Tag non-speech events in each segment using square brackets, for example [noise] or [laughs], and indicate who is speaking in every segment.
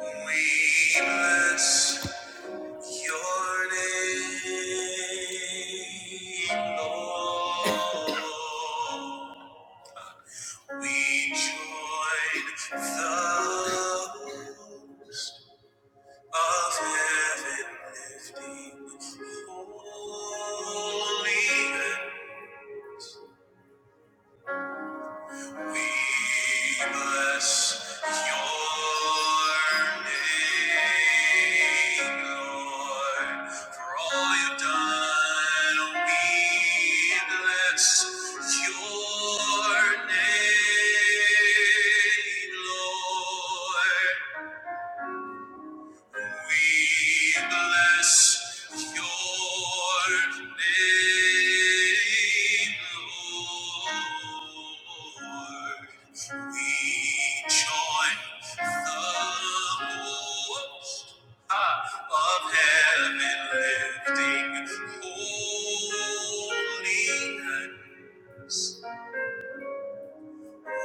Speaker 1: We bless your name, Lord. [coughs] We join the hosts of heaven lifting holy We bless your name, Lord, for all you've done. We bless your name, Lord. We bless your name, Lord. We join the host of heaven, lifting holy hands. We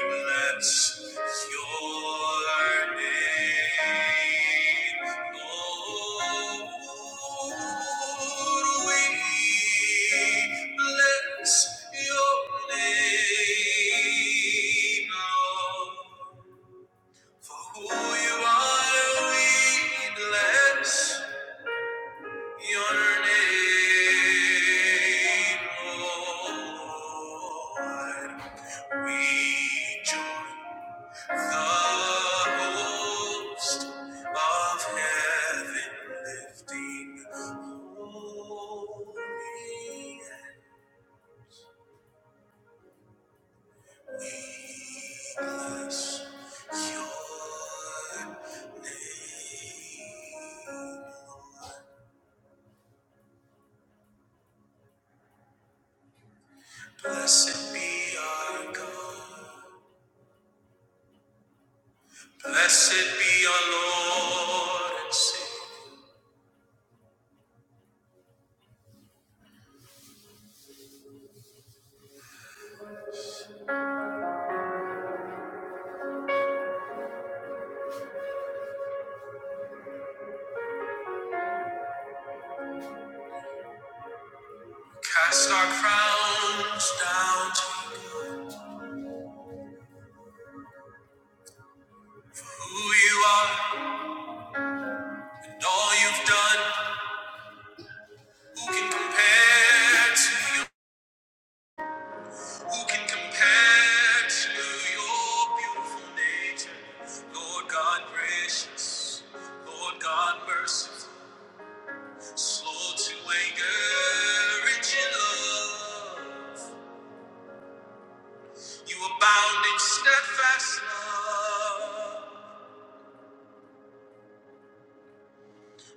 Speaker 1: bless your name, Lord. We bless your name, Lord. For who you are, we bless your name, Lord. We join The host of heaven lifting holy, we bless your name. Blessed be our God, blessed be our Lord and Savior. Cast our crowns down to who you are and all you've done. Who can compare to you? Who can compare to your beautiful nature? Lord God gracious, Lord God merciful, slow to anger, rich in love. You abound in steadfast love.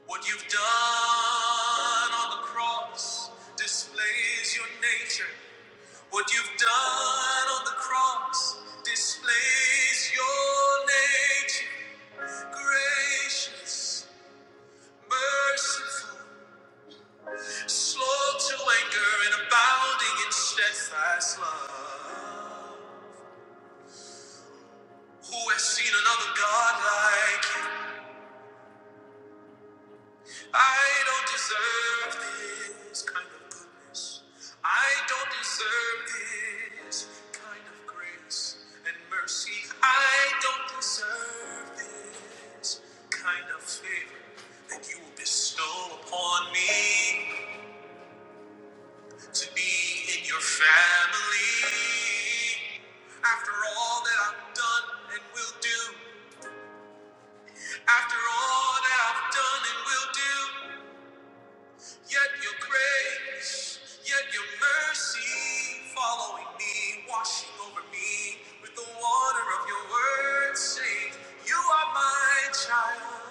Speaker 1: What you've done on the cross displays your nature. What you've done on the cross displays your nature. Gracious, merciful, slow to anger, and abounding in steadfast love. Who has seen another God like you? I don't deserve this kind of goodness. I don't deserve this kind of grace and mercy. I don't deserve this kind of favor that you will bestow upon me to be in your family. After all that I've done and will do, after all that I've done and will do. Yet your grace, yet your mercy following me, washing over me with the water of your word, saying, You are my child,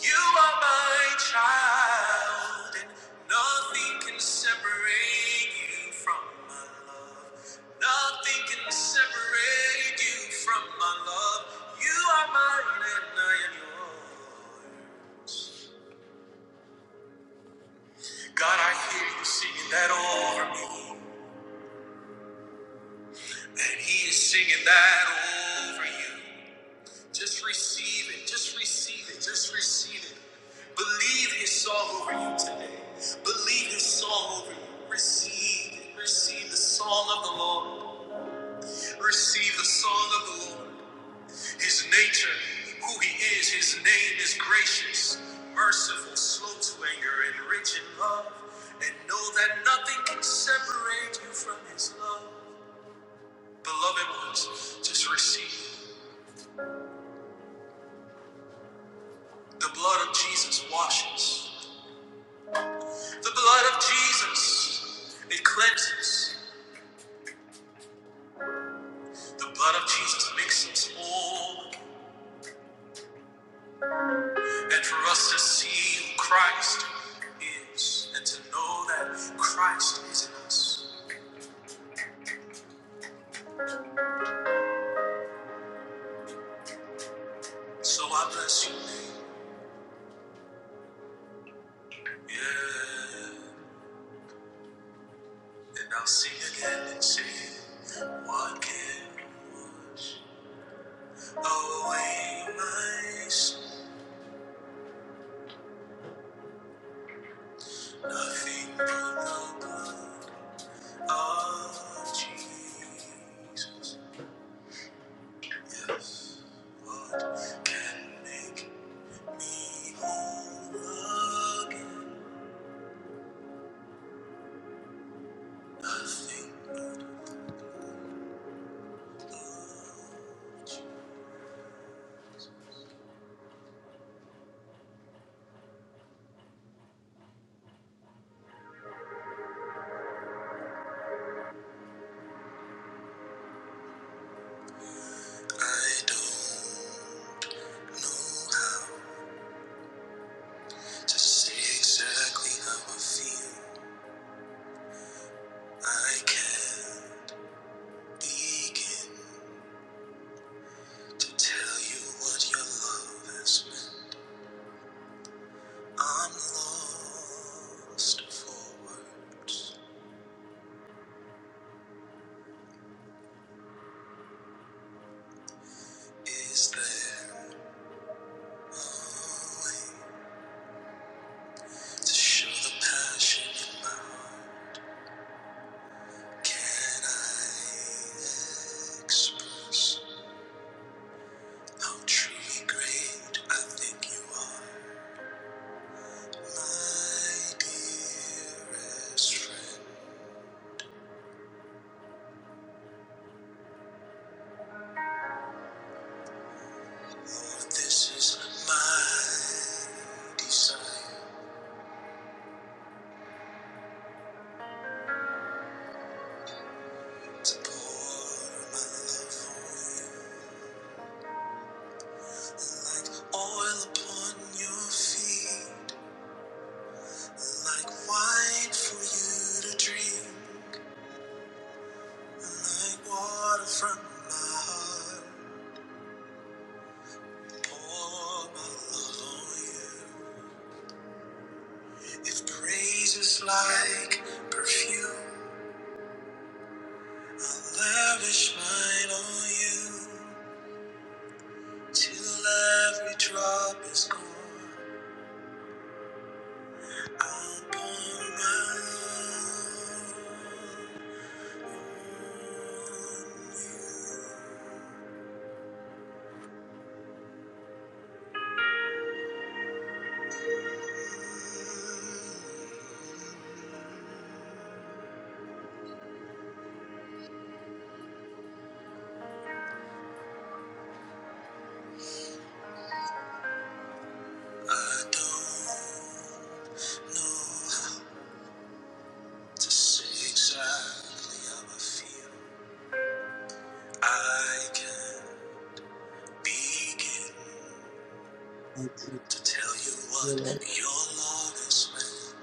Speaker 1: you are my child, and nothing can separate you from my love. Nothing can separate you from my love. You are mine and I am yours. God, I hear you singing that over me. And He is singing that over you. Just receive it. Just receive it. Just receive it. Believe His song over you today. Believe His song over you. Receive it. Receive the song of the Lord. Receive the song of the Lord. His nature, who He is, His name is gracious, merciful, slow to anger, and rich in love. And know that nothing can separate you from His love. Beloved ones, just receive. The blood of Jesus washes. The blood of Jesus, it cleanses. The blood of Jesus makes us whole. And for us to see who Christ is and to know that Christ is in us. So I bless you. Yeah. And I'll sing again and say, What can wash away my sin? Nothing but the blood. of Jesus. Yes, what can make me whole again? Nothing. I don't know how to say exactly how I feel. I can't begin to tell you what your love has meant. I'm lost for words. Is there a way? To show the passion in my heart, can I express how truly great I think you are, my dearest friend? Lord, this is my desire to pour my love on you, like oil upon your feet, like wine for you to drink. Like water from my heart, pour my love on you. If praise is like perfume, I'll lavish mine on you. Till every drop is gone, I'll pour my love. I don't know how to say exactly how I feel. I can not begin.
Speaker 2: Thank you,
Speaker 1: to tell you
Speaker 2: dear
Speaker 1: what
Speaker 2: Lord.
Speaker 1: your love has meant.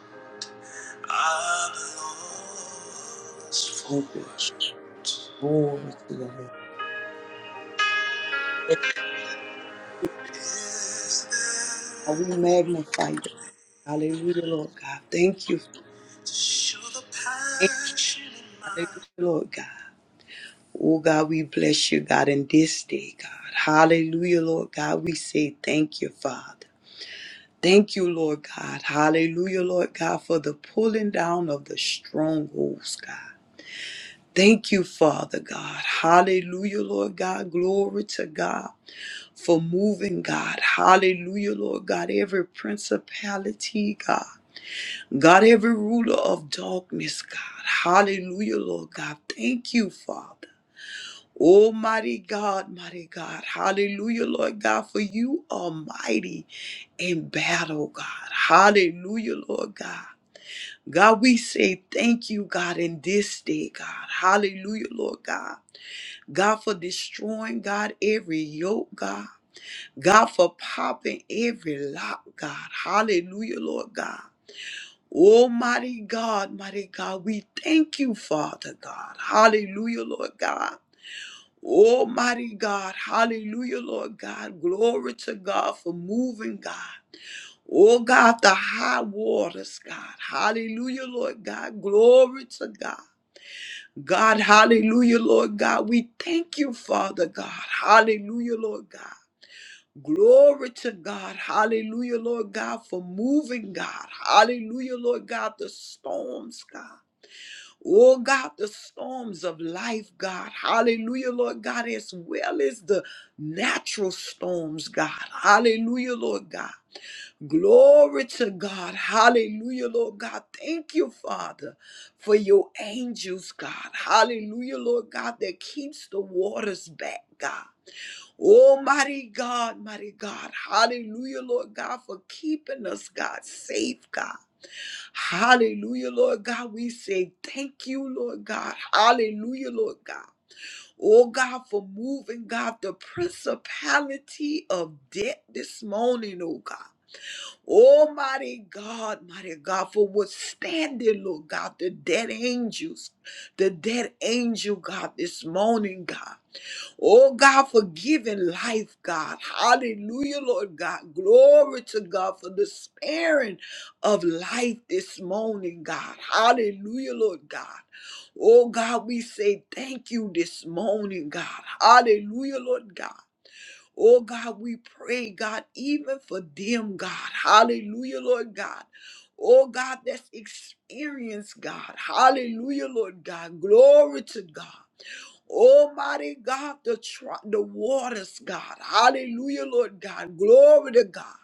Speaker 1: I'm lost for
Speaker 2: Thank you.
Speaker 1: words.
Speaker 2: Glory to your name.
Speaker 1: Is
Speaker 2: God, we
Speaker 1: there
Speaker 2: magnify you. Hallelujah, Lord God. Thank you.
Speaker 1: to show the passion in
Speaker 2: Hallelujah,
Speaker 1: my
Speaker 2: Lord God. Oh God, we bless you, God, in this day, God. Hallelujah, Lord God. We say thank you, Father. Thank you, Lord God. Hallelujah, Lord God, for the pulling down of the strongholds, God. Thank you, Father God. Hallelujah, Lord God. Glory to God. for moving, God. Hallelujah, Lord God. Every principality, God. God, every ruler of darkness, God. Hallelujah, Lord God. Thank you, Father. Almighty God, mighty God. Hallelujah, Lord God, for you are mighty in battle, God. Hallelujah, Lord God. God, we say thank you, God, in this day, God. Hallelujah, Lord God. God, for destroying, God, every yoke, God. God, for popping every lock, God. Hallelujah, Lord God. Almighty God, mighty God, we thank you, Father God. Hallelujah, Lord God. Almighty God, hallelujah, Lord God. Glory to God for moving, God. Oh God, the high waters, God. Hallelujah, Lord God. Glory to God. God, hallelujah, Lord God. We thank you, Father God. Hallelujah, Lord God. Glory to God. Hallelujah, Lord God, for moving, God. Hallelujah, Lord God, the storms, God. Oh, God, the storms of life, God. Hallelujah, Lord God, as well as the natural storms, God. Hallelujah, Lord God. Glory to God. Hallelujah, Lord God. Thank you, Father, for your angels, God. Hallelujah, Lord God, that keeps the waters back, God. Oh, mighty God, mighty God. Hallelujah, Lord God, for keeping us, God, safe, God. Hallelujah, Lord God. We say thank you, Lord God. Hallelujah, Lord God. Oh, God, for moving, God, the principality of debt this morning, oh, God. Almighty God, mighty God, for withstanding, Lord God, the dead angels, the dead angel, God, this morning, God. Oh God, for giving life, God. Hallelujah, Lord God. Glory to God for the sparing of life this morning, God. Hallelujah, Lord God. Oh God, we say thank you this morning, God. Hallelujah, Lord God. Oh God, we pray, God, even for them, God. Hallelujah, Lord God. Oh God, that's experience, God. Hallelujah, Lord God. Glory to God. Almighty God, the, tr- the waters, God. Hallelujah, Lord God. Glory to God.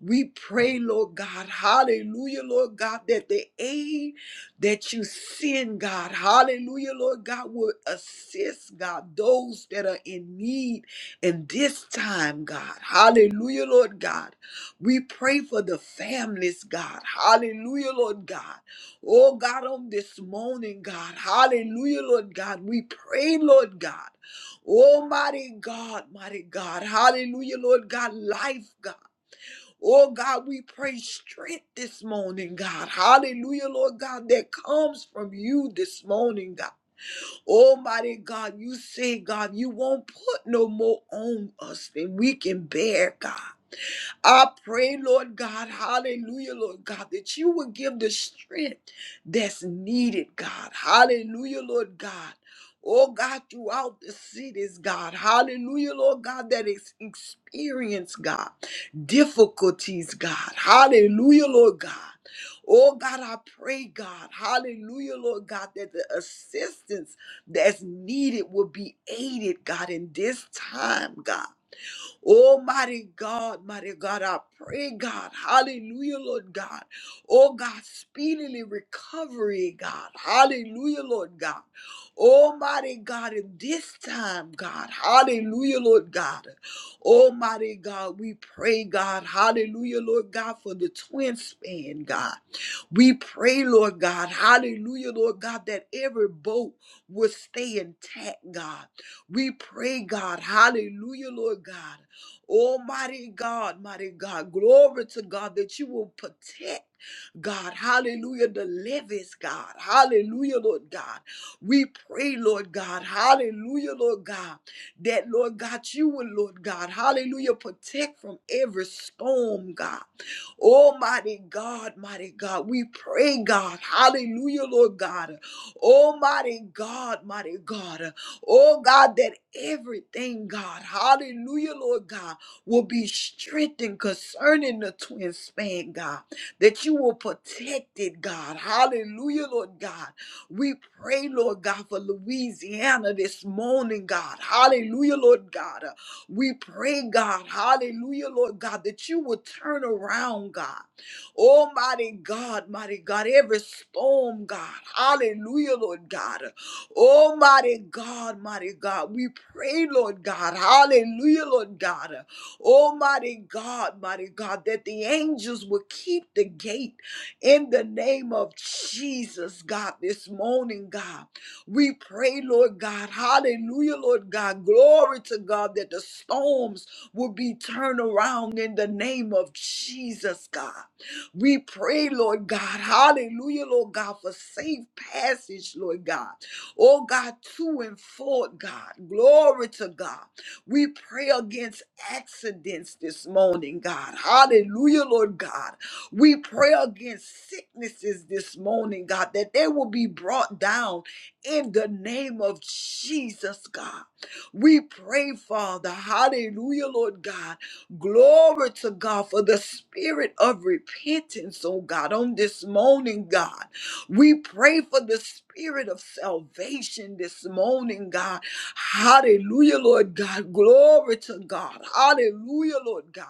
Speaker 2: We pray, Lord God, hallelujah, Lord God, that the aid that you send, God, hallelujah, Lord God, will assist, God, those that are in need in this time, God, hallelujah, Lord God. We pray for the families, God, hallelujah, Lord God. Oh, God, on this morning, God, hallelujah, Lord God, we pray, Lord God. Almighty God, mighty God, hallelujah, Lord God, life, God. Oh God, we pray strength this morning, God. Hallelujah, Lord God, that comes from you this morning, God. Almighty God, you say, God, you won't put no more on us than we can bear, God. I pray, Lord God, hallelujah, Lord God, that you would give the strength that's needed, God. Hallelujah, Lord God. Oh God, throughout the cities, God. Hallelujah, Lord God, that is experience, God. Difficulties, God. Hallelujah, Lord God. Oh God, I pray, God, hallelujah, Lord God, that the assistance that's needed will be aided, God, in this time, God. Oh, mighty God, mighty God, I pray, God. Hallelujah, Lord God. Oh, God, speedily recovery, God. Hallelujah, Lord God. Almighty God, in this time, God, hallelujah, Lord God. Almighty God, we pray, God, hallelujah, Lord God, for the twin span, God. We pray, Lord God, hallelujah, Lord God, that every boat will stay intact, God. We pray, God, hallelujah, Lord God. Almighty God, mighty God, glory to God that you will protect. God. Hallelujah. The livest God. Hallelujah, Lord God. We pray, Lord God. Hallelujah, Lord God. That, Lord God, you will, Lord God. Hallelujah. Protect from every storm, God. Almighty God, mighty God. We pray, God. Hallelujah, Lord God. Almighty God, mighty God. Oh, God, that everything, God. Hallelujah, Lord God will be strengthened concerning the twin span, God that you will protect it, God. Hallelujah, Lord God. We pray, Lord God, for Louisiana this morning, God. Hallelujah, Lord God. Uh, We pray, God. Hallelujah, Lord God, that you will turn around, God. Almighty God, mighty God, every storm, God. Hallelujah, Lord God. Uh, Almighty God, mighty God, we pray, Lord God. Hallelujah, Lord God. Oh, mighty God, mighty God, that the angels will keep the gate in the name of Jesus, God, this morning, God. We pray, Lord God, hallelujah, Lord God, glory to God, that the storms will be turned around in the name of Jesus, God. We pray, Lord God, hallelujah, Lord God, for safe passage, Lord God. Oh God, to and forth, God. Glory to God. We pray against accidents this morning, God. Hallelujah, Lord God. We pray against sicknesses this morning, God, that they will be brought down in the name of Jesus, God. We pray, Father. Hallelujah, Lord God. Glory to God for the spirit of repentance, oh God, on this morning, God. We pray for the spirit of salvation this morning, God Hallelujah, Lord God. Glory to God. Hallelujah, Lord God.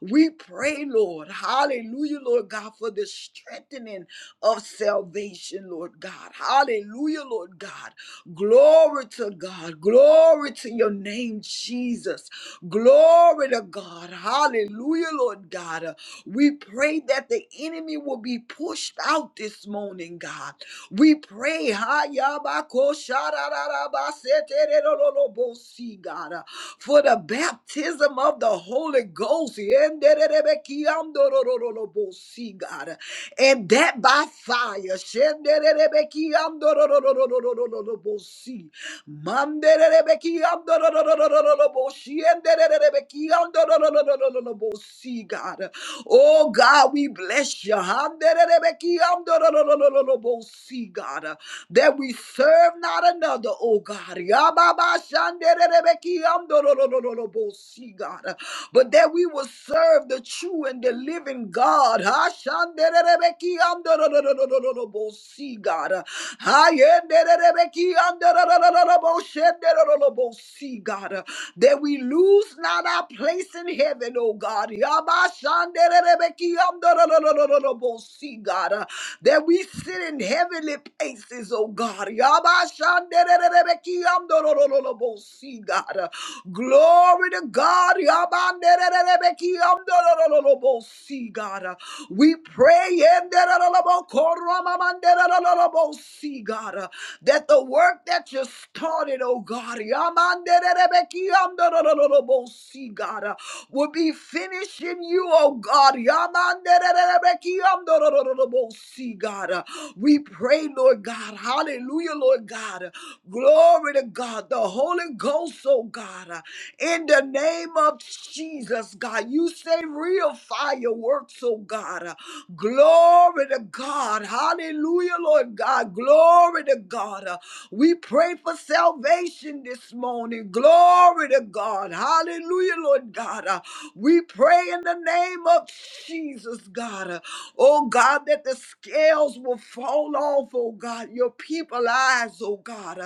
Speaker 2: We pray, Lord. Hallelujah, Lord God, for the strengthening of salvation, Lord God. Hallelujah, Lord God. Glory to God. Glory to your name, Jesus. Glory to God. Hallelujah, Lord God. We pray that the enemy will be pushed out this morning, God. We pray, ha, ya, ba, ko, sha, ba, se, re, lo, lo, lo, bo, si, God, uh, for the baptism of the Holy Ghost. Yen, de, de, de, be, lo, lo, lo, lo, bo, si, God, uh, and that by fire. Shen, de, de, de, be, lo, lo, lo, lo, lo, lo, lo, bo, si. Man, de, de, de, lo, lo, lo, lo, lo, lo, bo, si. Yen, de, de, de, lo, lo, lo, lo, lo, lo, bo, si, God. uh, Oh God, we bless you. See, God, uh, that we serve not another, oh God. See, God, uh, but that we will serve the true and the living God. See, God. uh, See, God. uh, that we lose not our place in heaven, oh God. Yabashandererebekiyandorododododobos, God, uh, that we sit in heavenly places, oh God. Yabashandererebekiyandorodododobos, God, uh, glory to God. Yabandererebekiyandorodododobos, God, uh, we pray yendererobokoromamandererobos, God, uh, that the work that you started, oh God, See, God, uh, will be finishing you, oh God. See, God, uh, we pray, Lord God. Hallelujah, Lord God. Glory to God. The Holy Ghost, oh God. In the name of Jesus, God, you say real fireworks, oh God. Uh, Glory to God. Hallelujah, Lord God. Glory to God. Uh, We pray for salvation this morning. Glory to God. Hallelujah, Lord God. Uh, We pray in the name of Jesus, God. Uh, Oh God, that the scales will fall off, oh God. Your people eyes, oh God.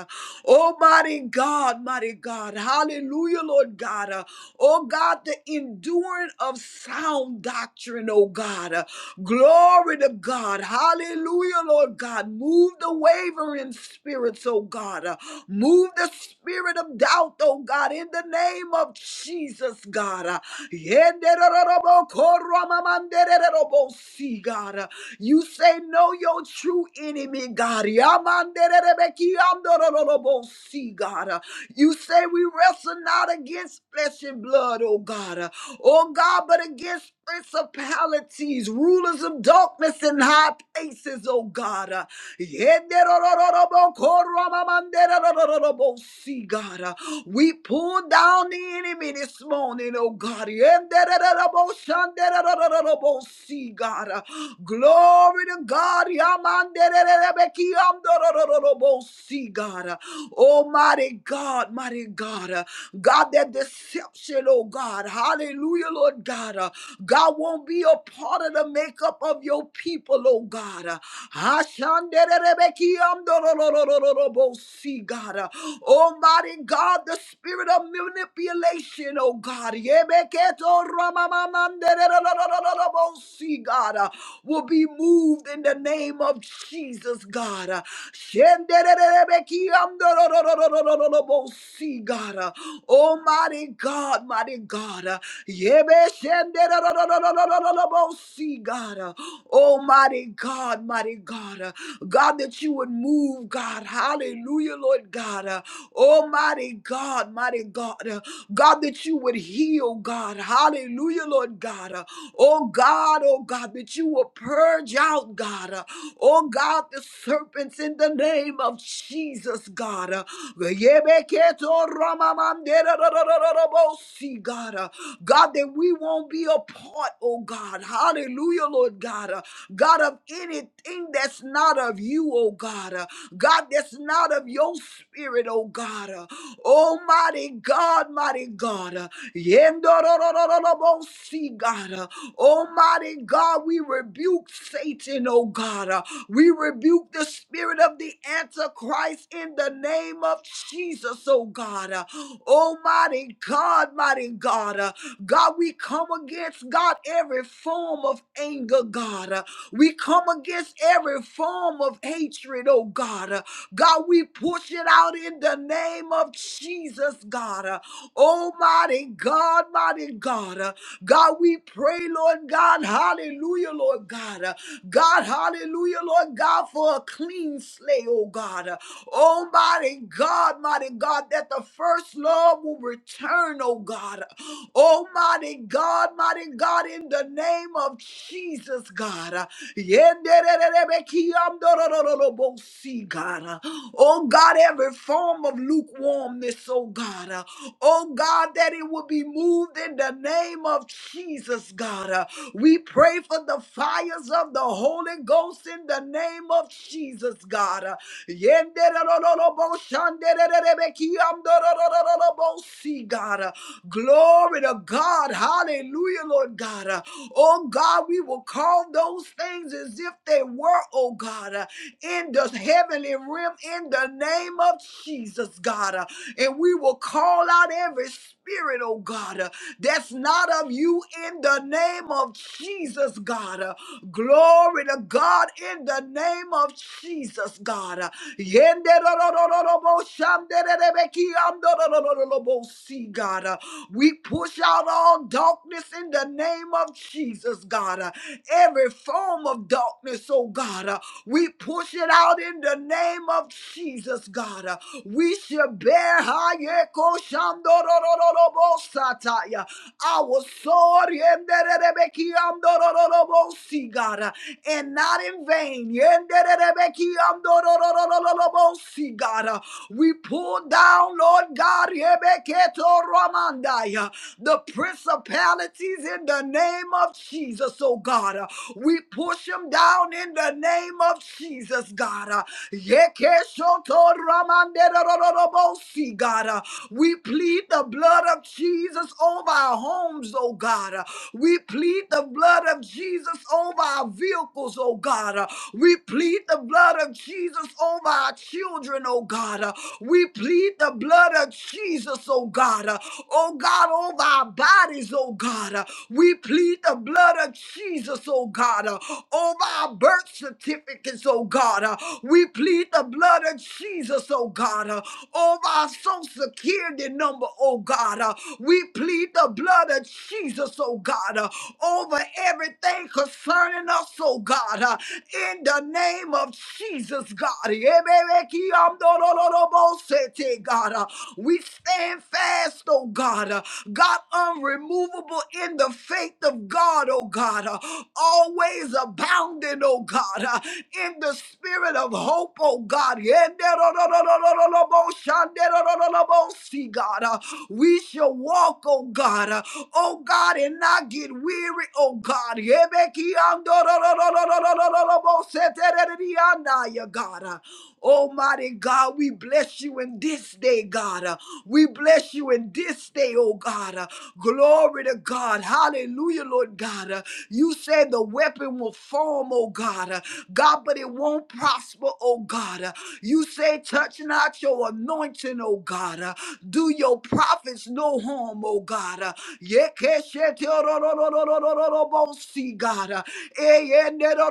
Speaker 2: Oh, mighty God, mighty God. Hallelujah, Lord God. Uh, Oh, God, the enduring of sound doctrine, oh God. Uh, Glory to God. Hallelujah, Lord God. Move the wavering spirits, oh God. Uh, Move the spirit of doubt, oh God, in the name of Jesus, God. Uh, Yenderorobokoromamandererorobosi, God. Uh, you say, Know your true enemy, God. Yamanderebekiandorolobosi, God. Uh, You say, We wrestle not against flesh and blood, oh God. Uh, Oh God, but against principalities, rulers of darkness in high places, oh God. Uh, God. Uh, We pull down the enemy this morning, oh God. Yenderororoboshanderororobosi, God. Uh, Glory to God. Yamandererebekiamdorororobo. See, God. Oh, mighty God, mighty God. God, that deception, oh God. Hallelujah, Lord God. God won't be a part of the makeup of your people, oh God. Ashandererebekiamdorororobo. See, God. Almighty God, the spirit of manipulation, oh God. Yebeketo ramamamandererorobo see, God, uh, will be moved in the name of Jesus, God. Uh, Shendererebekiamdororororororobosi, God. Uh, Almighty God, mighty God. Uh, Yebe shendererororororobosi, God. Uh, Almighty God, mighty God. Uh, God, that you would move, God. Hallelujah, Lord God. Uh, Almighty God, mighty God. Uh, God, that you would heal, God. Hallelujah, Lord God. uh. Oh God, oh God, that you will purge out, God. uh, Oh God, the serpents in the name of Jesus, God. uh, Yebeketo ramamanderararararabosi, God, uh, God, that we won't be a part, oh God. Hallelujah, Lord God. uh, God, of anything that's not of you, oh God. uh, God, that's not of your spirit, oh God. uh, Almighty God, mighty God. uh, Yendororororobosi, God. uh, Almighty God, we rebuke Satan, oh God. Uh, We rebuke the spirit of the Antichrist in the name of Jesus, oh God. Uh, Almighty God, mighty God. Uh, God, we come against, God, every form of anger, God. Uh, We come against every form of hatred, oh God. Uh, God, we push it out in the name of Jesus, God. Uh, Almighty God, mighty God. Uh, God, we pray, Lord God, hallelujah, Lord God. Uh, God, hallelujah, Lord God, for a clean slate, oh God. Uh, Almighty God, mighty God, that the first love will return, oh God. Almighty God, mighty God, in the name of Jesus, God. Uh, yenderererebekiyamdorororobosi, God. Uh, Oh God, every form of lukewarmness, oh God. Oh God, that it will be moved in the name of Jesus, God. Uh, We pray for the fires of the Holy Ghost in the name of Jesus, God. Uh, Yenderororobo shanderererebekiyamdorororobo si, God. Uh, Glory to God. Hallelujah, Lord God. Uh, Oh God, we will call those things as if they were, oh God, uh, in the heavenly realm in the name name of Jesus, God. uh, And we will call out every spirit, oh God, uh, that's not of you in the name of Jesus, God. uh, Glory to God in the name of Jesus, God. uh, Yenderorororobo, shandererebeki, andororororobosi, God. uh, We push out all darkness in the name of Jesus, God. uh, Every form of darkness, oh God. uh, uh, We push it out in the name of Jesus, God. Uh, We shall bear Hayeko Shandorororobo Sataya, our sword Yenderebeki Amdorororobo Si, God, uh, and not in vain. Yenderebeki Amdorororobo Si, God. Uh, We pull down, Lord God, Yebeketo Ramandaya, the principalities in the name of Jesus. Jesus, oh God. Uh, We push him down in the name of Jesus, God. Uh, Yekeshotoramanderororobosi, God. Uh, We plead the blood of Jesus over our homes, oh God. Uh, We plead the blood of Jesus over our vehicles, oh God. Uh, We plead the blood of Jesus over our children, oh God. Uh, We plead the blood of Jesus, oh God. Uh, Oh God, over our bodies, oh God. Uh, We plead the blood of Jesus, oh God, uh, over our birth certificates, oh God. Uh, We plead the blood of Jesus, oh God, uh, over our social security number, oh God. Uh, We plead the blood of Jesus, oh God, uh, over everything concerning us, oh God. Uh, in the name of Jesus, God. God. Uh, We stand fast, oh God. Uh, God, unremovable in the faith of God, oh God. Uh, Always abounding, oh God, uh, in the spirit of hope, oh God. See, God, uh, we shall walk, oh God, uh, oh God, and not get weary, oh God. Yeah, God. Almighty God, we bless you in this day, God. Uh, We bless you in this day, oh God. Uh, Glory to God. Hallelujah, Lord God. Uh, You said the weapon will form, oh God. Uh, God, but it won't prosper, oh God. Uh, You say, touch not your anointing, oh God. Uh, Do your prophets no harm, oh God. Uh, Yekeshetororororororobosi, God. Uh, eh, eh, God.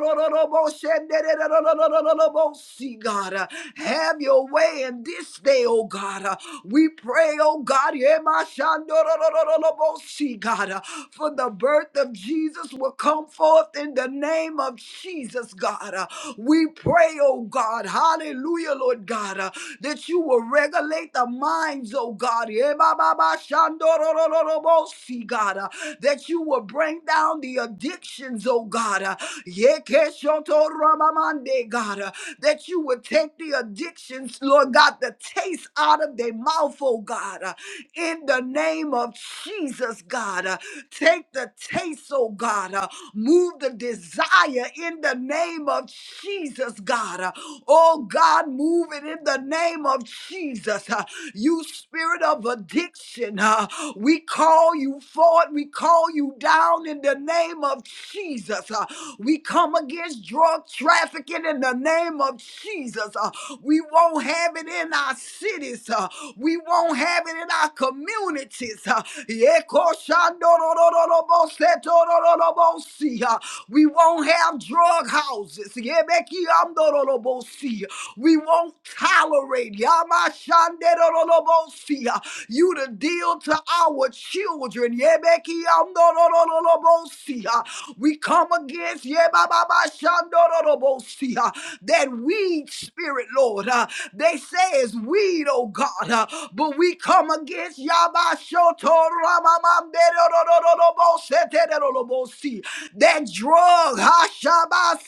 Speaker 2: Uh, Have your way in this day, oh God. Uh, We pray, oh God, Yemashandorororobosi, God, uh, for the birth of Jesus will come forth in the name of Jesus, God. Uh, We pray, oh God, hallelujah, Lord God, uh, that you will regulate the minds, oh God. Yemababashandorororobosi, God uh, that you will bring down the addictions, oh God. uh, Yekeshotorabamande, God, uh, that you would take the addictions, Lord God, the taste out of their mouth, oh God, uh, in the name of Jesus, God. uh, Take the taste, oh God. uh, Move the desire in the name of Jesus, God. uh, Oh God, move it in the name of Jesus. uh, You spirit of addiction. uh, we call you forth. We call you down in the name of Jesus. uh, we come against drug trafficking in the name of Jesus. uh, we won't have it in our cities. uh, we won't have it in our communities. uh, Yekoshandorororobosetorororobosi, uh, we won't have drug houses. Yebekiamdororobosi. We won't tolerate Yamashanderolobosia, you to deal to our children. Yebekiamdorolobosia. We come against Yebababashandorolobosia, that weed spirit, Lord. Uh, they say it's weed, oh God, uh, but we come against Yabashotoramamamderolobositerolobosi, that drug.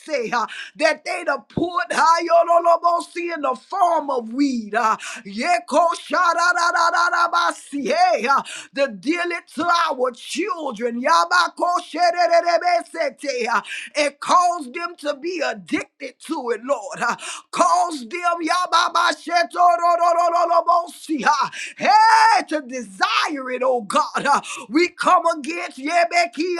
Speaker 2: Say uh, that they'd have put Hayololobosi in the form of weed. uh, Yeko Shadadadadadabasi, eh, uh, To deal it to our children. Yabako Shedededebesete, uh, And cause them to be addicted to it, Lord. uh, Cause them Yababa Shetororororolobosi, uh, hey, to desire it, oh God. uh, We come against Yebeki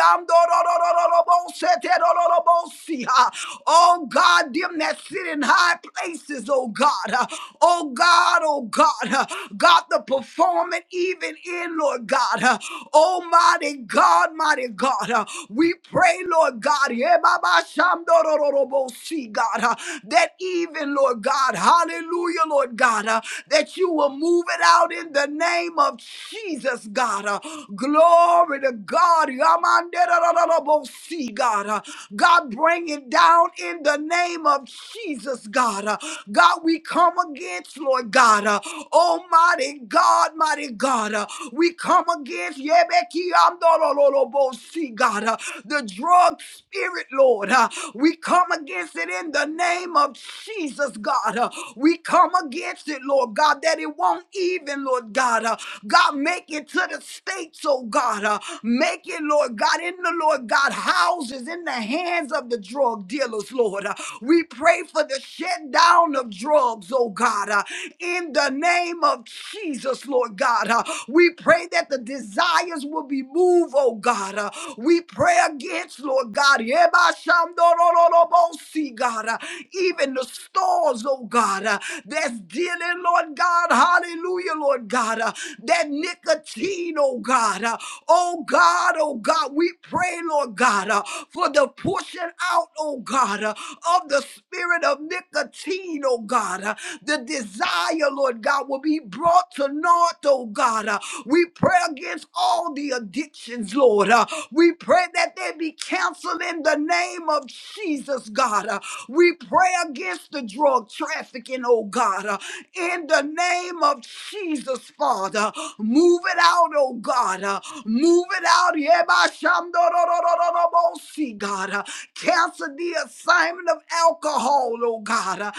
Speaker 2: Oh God, them that sit in high places, oh God. Oh God, oh God. God, the performing even in, Lord God. Almighty God, mighty God. We pray, Lord God. yeah, Baba Shamdorororobosi, God. That even, Lord God. Hallelujah, Lord God. That you will move it out in the name of Jesus. Yes, God. Uh, glory to God. Yamanderararabosi, God. Uh, God, bring it down in the name of Jesus, God. Uh, God, we come against, Lord God. Uh, Almighty God, mighty God. Uh, we come against Yebekiamdorololobosi, God. Uh, the drug spirit, Lord. Uh, we come against it in the name of Jesus, God. Uh, we come against it, Lord God that that it won't even, Lord God. Uh, God, make it to the states, oh God. Uh, make it, Lord God, in the Lord God houses, in the hands of the drug dealers, Lord. Uh, we pray for the shutdown of drugs, oh God. Uh, in the name of Jesus, Lord God. Uh, we pray that the desires will be moved, oh God. Uh, we pray against, Lord God, Yebashamdorororobosi, God, uh, even the stores, oh God, uh, that's dealing, Lord God, hallelujah, Lord God, uh, that nicotine, oh God, uh, oh God, oh God, we pray, Lord God, uh, for the pushing out, oh God, uh, of the spirit of nicotine, oh God, uh, the desire, Lord God, will be brought to naught, oh God. Uh, we pray against all the addictions, Lord. Uh, we pray that they be canceled in the name of of Jesus, God. Uh, We pray against the drug trafficking, oh God. Uh, In the name of Jesus, Father, move it out, oh God. Uh, Move it out. Yebashamdororororobosi, God. Uh, Cancel the assignment of alcohol, oh God. Uh,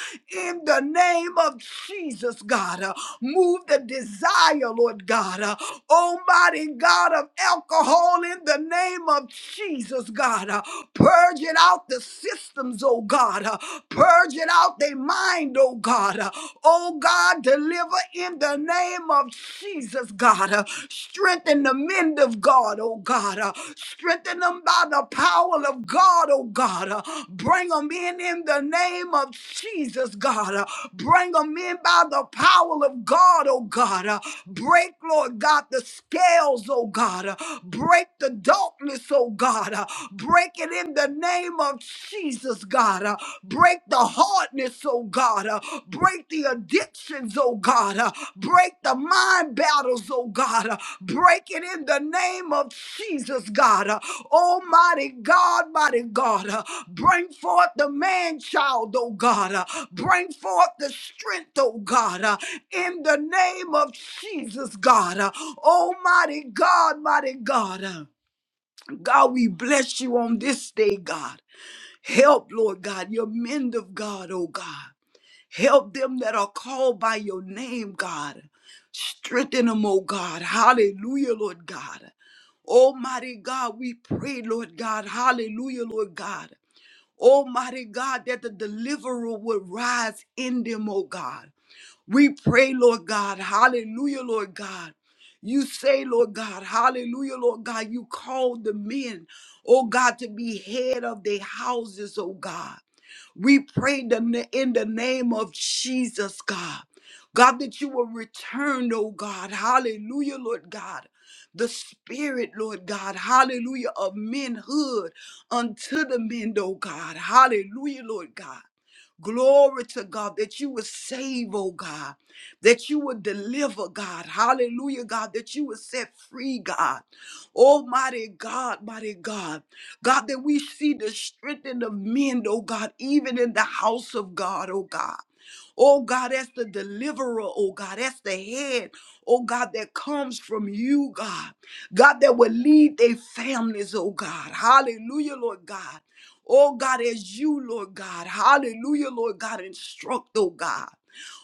Speaker 2: In the name of Jesus, God. Uh, Move the desire, Lord God. Uh, Almighty God of alcohol, in the name name of Jesus, God. Uh, purging out the systems, oh God. Uh, purging out their mind, oh God. Uh, oh God, deliver in the name of Jesus, God. Uh, strengthen the men of God, oh God. Uh, strengthen them by the power of God, oh God. Uh, bring them in in the name of Jesus, God. Uh, bring them in by the power of God, oh God. Uh, break, Lord God. God, the scales, oh God. Uh, Break the darkness, oh God. Uh, Break it in the name of Jesus, God. Uh, Break the hardness, oh God. Uh, Break the addictions, oh God. Uh, Break the mind battles, oh God. Uh, Break it in the name of Jesus, God. Uh, Almighty God, mighty God. Uh, Bring forth the man child, oh God. Uh, Bring forth the strength, oh God. uh, in the name of Jesus, God. Uh, Almighty God, mighty God. Uh, God, we bless you on this day, God. Help, Lord God, your men of God, oh God. Help them that are called by your name, God. Strengthen them, oh God. Hallelujah, Lord God. Almighty God, we pray, Lord God. Hallelujah, Lord God. Almighty God, that the deliverer would rise in them, oh God. We pray, Lord God, hallelujah, Lord God. You say, Lord God, hallelujah, Lord God, you called the men, oh God, to be head of their houses, oh God. We pray the- in the name of Jesus, God. God, that you will return, oh God, hallelujah, Lord God. The spirit, Lord God, hallelujah, of manhood unto the men, oh God, hallelujah, Lord God. Glory to God that you would save, oh God, that you would deliver, God. Hallelujah, God, that you would set free, God. Almighty God, mighty God. God, that we see the strength in the men, oh God, even in the house of God, oh God. Oh God, as the deliverer, oh God, as the head, oh God, that comes from you, God. God, that will lead their families, oh God. Hallelujah, Lord God. Oh God, as you, Lord God, hallelujah, Lord God, instruct, oh God.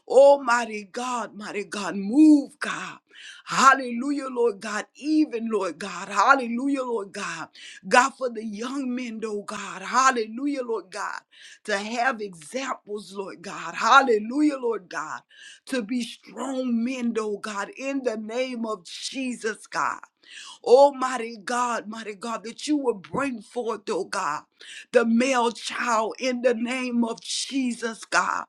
Speaker 2: Almighty God, mighty God, move, God. Hallelujah, Lord God, even, Lord God. Hallelujah, Lord God. God, for the young men, oh God. Hallelujah, Lord God. To have examples, Lord God. Hallelujah, Lord God. To be strong men, oh God, in the name of Jesus, God. Almighty God, mighty God, that you will bring forth, oh God, the male child in the name of Jesus, God.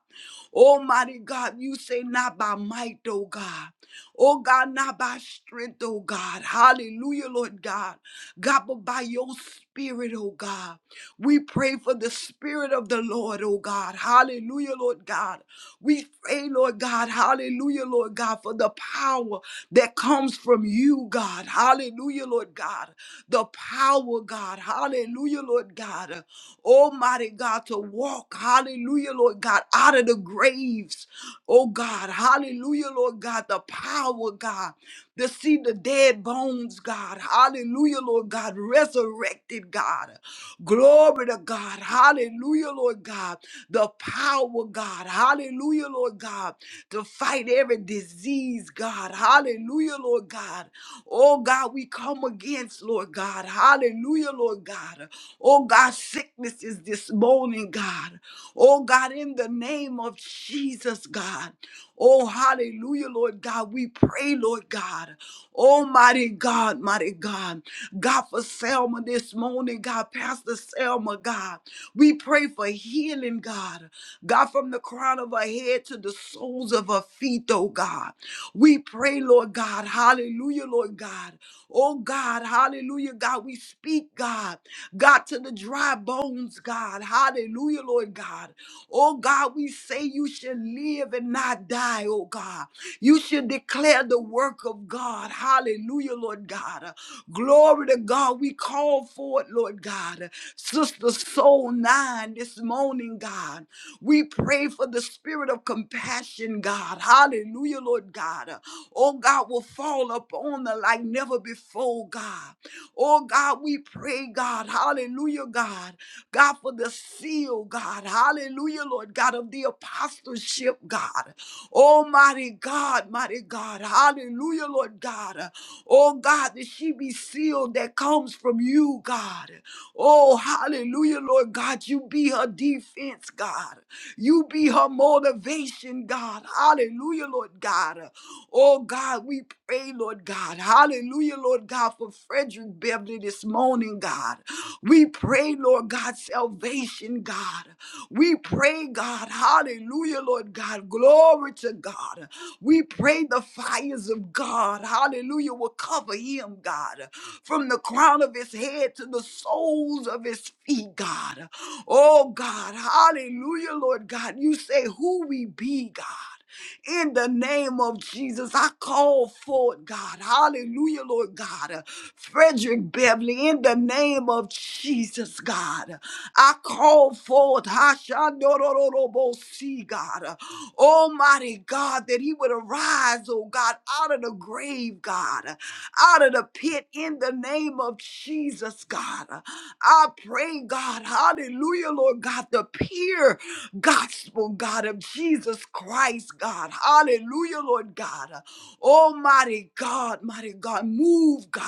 Speaker 2: Almighty God, you say not by might, oh God. Oh God, not by strength, oh God. Hallelujah, Lord God. God, but by your spirit, oh God. We pray for the spirit of the Lord, oh God. Hallelujah, Lord God. We pray, Lord God, hallelujah, Lord God, for the power that comes from you, God, hallelujah, Lord God, the power, God, hallelujah, Lord God, almighty God, to walk, hallelujah, Lord God, out of the graves, oh God, hallelujah, Lord God, the power, God, to see the dead bones, God, hallelujah, Lord God, resurrected, God. Glory to God. Hallelujah, Lord God. The power, God. Hallelujah, Lord God. To fight every disease, God. Hallelujah, Lord God. Oh God, we come against, Lord God. Hallelujah, Lord God. Oh God, sickness is this morning, God. Oh God, in the name of Jesus, God. Oh, hallelujah, Lord God. We pray, Lord God. Oh, Mighty God, mighty God. God, for Selma this morning, God, Pastor Selma, God, we pray for healing, God. God, from the crown of her head to the soles of her feet, oh God. We pray, Lord God, hallelujah, Lord God. Oh God, hallelujah, God. We speak, God, God, to the dry bones, God, hallelujah, Lord God. Oh God, we say you shall live live and not die, oh God. You should declare the work of God. Hallelujah, Lord God. Uh, Glory to God. We call for it, Lord God. Uh, Sister Soul 9 this morning, God. We pray for the spirit of compassion, God. Hallelujah, Lord God. Uh, Oh God, will fall upon her like never before, God. Oh God, we pray, God. Hallelujah, God God, for the seal, God. Hallelujah, Lord God, of the apostleship, God. Almighty God, mighty God. Hallelujah, Lord God. Oh, God, that she be sealed that comes from you, God. Oh, hallelujah, Lord God. You be her defense, God. You be her motivation, God. Hallelujah, Lord God. Oh, God, we pray, Lord God. Hallelujah. Hallelujah, Lord God, for Frederick Beverly this morning, God. We pray, Lord God, salvation, God. We pray, God, hallelujah, Lord God, glory to God. We pray the fires of God, hallelujah, will cover him, God, from the crown of his head to the soles of his feet, God. Oh, God, hallelujah, Lord God. You say who we be, God in the name of Jesus. I call forth, God. Hallelujah, Lord God. Uh, Frederick Beverly, in the name of Jesus, God. I call forth, Hashandorororobosi, God. Uh, Almighty God, that he would arise, oh God, out of the grave, God, uh, out of the pit, in the name of Jesus, God. Uh, I pray, God, hallelujah, Lord God, the peer gospel, God, of Jesus Christ, God. Hallelujah, Lord God. Almighty God, mighty God, move, God.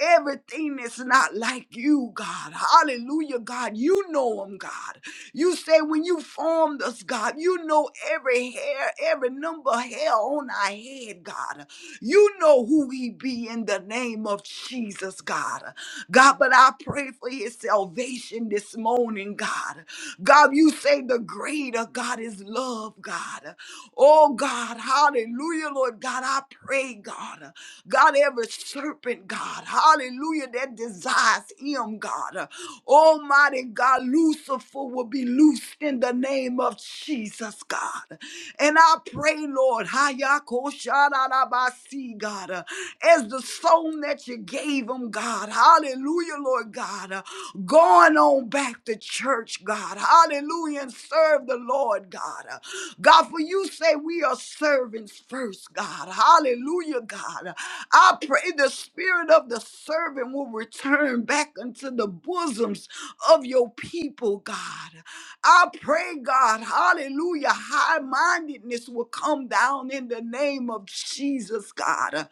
Speaker 2: Everything that's not like you, God. Hallelujah, God. You know them, God. You say when you formed us, God, you know every hair, every number of hair on our head, God. You know who we be in the name of Jesus, God. God, but I pray for his salvation this morning, God. God, you say the greater God is love, God. Oh, God, hallelujah, Lord God. I pray, God. God, every serpent, God, hallelujah, that desires him, God. Almighty God, Lucifer will be be loosed in the name of Jesus, God. And I pray, Lord, Hayakoshadabasi, God, uh, as the song that you gave them, God. Hallelujah, Lord God. uh, Going on back to church, God. Hallelujah, and serve the Lord, God. Uh, God, for you say we are servants first, God. Hallelujah, God. Uh, I pray the spirit of the servant will return back into the bosoms of your people, God. I pray, God, hallelujah, high mindedness will come down in the name of Jesus, God, uh,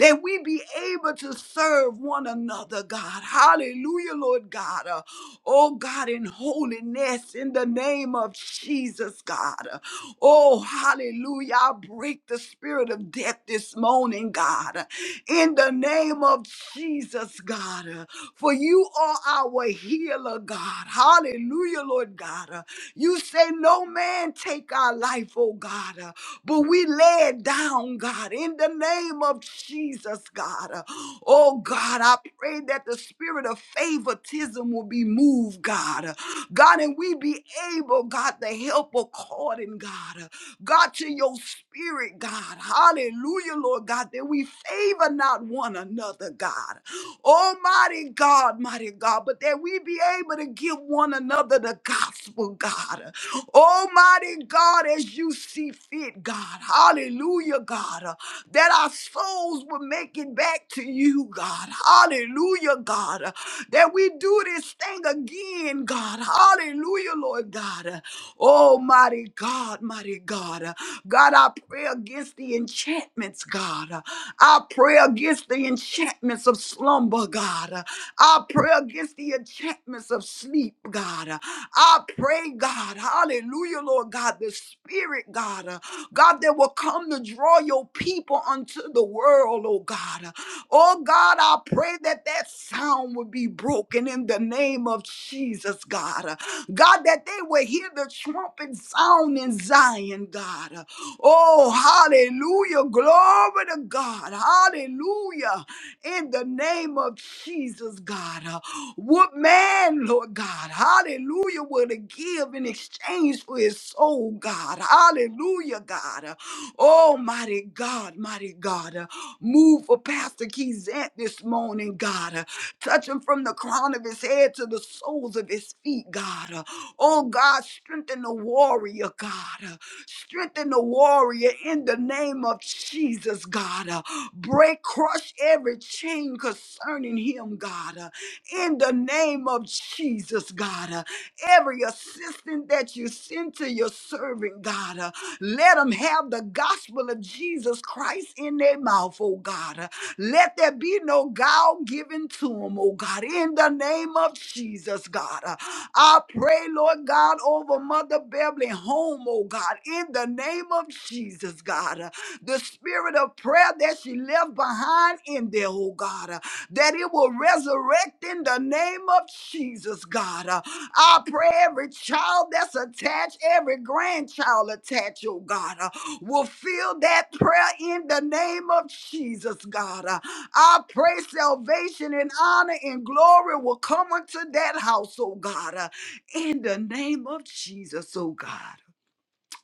Speaker 2: that we be able to serve one another, God. Hallelujah, Lord God. uh, Oh, God, in holiness, in the name of Jesus, God. uh, Oh, hallelujah. I break the spirit of death this morning, God, uh, in the name of Jesus, God. uh, For you are our our healer, God. Hallelujah, Lord God. Uh, You say, No man take our life, oh God. Uh, But we lay it down, God, in the name of Jesus, God. Uh, Oh God, I pray that the spirit of favoritism will be moved, God. Uh, God, and we be able, God, to help according, God. Uh, God, to your spirit. Spirit, God. Hallelujah, Lord God, that we favor not one another, God. Almighty God, mighty God, but that we be able to give one another the gospel, God. Almighty God, as you see fit, God. Hallelujah, God. God, uh, that our souls will make it back to you, God. Hallelujah, God. uh, that we do this thing again, God. Hallelujah, Lord God. Uh, Oh, mighty God, mighty God. Uh, God, I pray against the enchantments, God. Uh, I pray against the enchantments of slumber, God. Uh, I pray against the enchantments of sleep, God. Uh, I pray, God, hallelujah, Lord God, the spirit, God. uh, God, that will come to draw your people unto the world, oh God. Oh God, I pray that that sound would be broken in the name of Jesus, God. God, that they will hear the trumpet sound in Zion, God. Oh, hallelujah. Glory to God. Hallelujah. In the name of Jesus, God. What man, Lord God, hallelujah, would give in exchange for his soul, God? Hallelujah, God. Oh, mighty God, mighty God. Move for Pastor Keyzant this morning, God. Touch him from the crown of his head to the soles of his feet, God. Oh, God, strengthen the warrior, God. Strengthen the warrior in the name of Jesus, God. Break, crush every chain concerning him, God in the name of Jesus, God. Uh, Every assistant that you send to your servant, God, uh, let them have the gospel of Jesus Christ in their mouth, oh God. Uh, Let there be no guile given to them, oh God, in the name of Jesus, God. Uh, I pray, Lord God, over Mother Beverly home, oh God, in the name of Jesus, God. Uh, The spirit of prayer that she left behind in there, oh God that it will resurrect in the name of Jesus, God. Uh, I pray every child that's attached, every grandchild attached, oh God, uh, will feel that prayer in the name of Jesus, God. Uh, I pray salvation and honor and glory will come unto that house, oh God, uh, in the name of Jesus, oh God.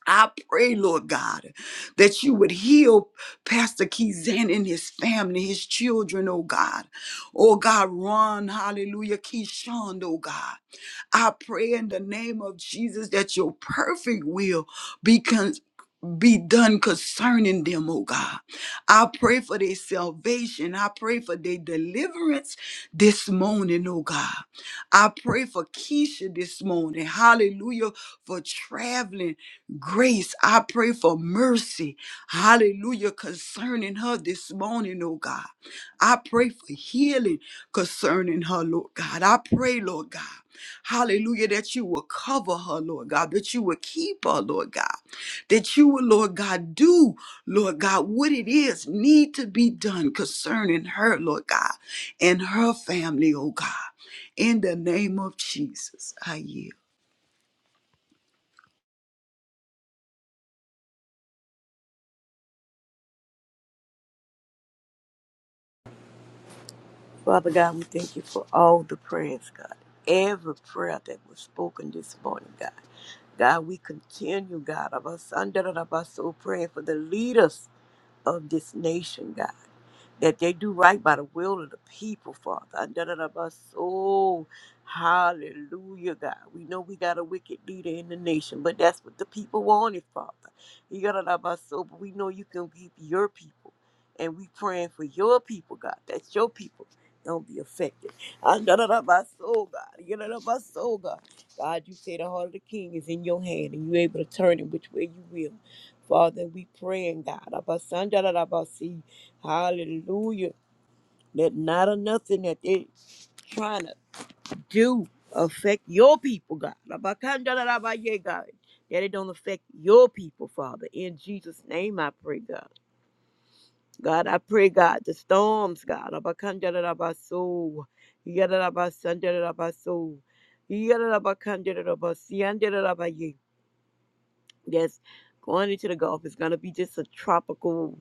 Speaker 2: I pray, Lord God, that you would heal Pastor Keyzan and his family, his children, oh God. Oh God, Ron, hallelujah, Keyshawn, oh God. I pray in the name of Jesus that your perfect will be be done concerning them, oh God. I pray for their salvation. I pray for their deliverance this morning, oh God. I pray for Keisha this morning. Hallelujah. For traveling grace. I pray for mercy. Hallelujah. Concerning her this morning, oh God. I pray for healing concerning her, Lord God. I pray, Lord God. Hallelujah, that you will cover her, Lord God, that you will keep her, Lord God that you would, Lord God, do, Lord God, what it is need to be done concerning her, Lord God, and her family, oh God. In the name of Jesus, I yield.
Speaker 3: Father God, we thank you for all the prayers, God. Every prayer that was spoken this morning, God. God, we continue, God, of us under the of us so praying for the leaders of this nation, God that they do right by the will of the people, Father. And da da da ba- so hallelujah, God. We know we got a wicked leader in the nation, but that's what the people wanted, Father. You got to so, but we know you can keep your people. And we praying for your people, God. That's your people. Don't be affected. And da da da ba- so, God. You da da ba- so, God. God, you say the heart of the king is in your hand and you're able to turn it which way you will. Father, we praying, God. Abba, son, da, da, da, ba, see. Hallelujah. Let not or nothing that they trying to do affect your people, God. Rabakandarabaye, God. That it don't affect your people, Father. In Jesus' name I pray, God. God, I pray, God, the storms, God. Rabakandarabaso. Yadarabasandarabasol. Yadarabakandarabasiandarabaye. Yes, going into the Gulf is going to be just a tropical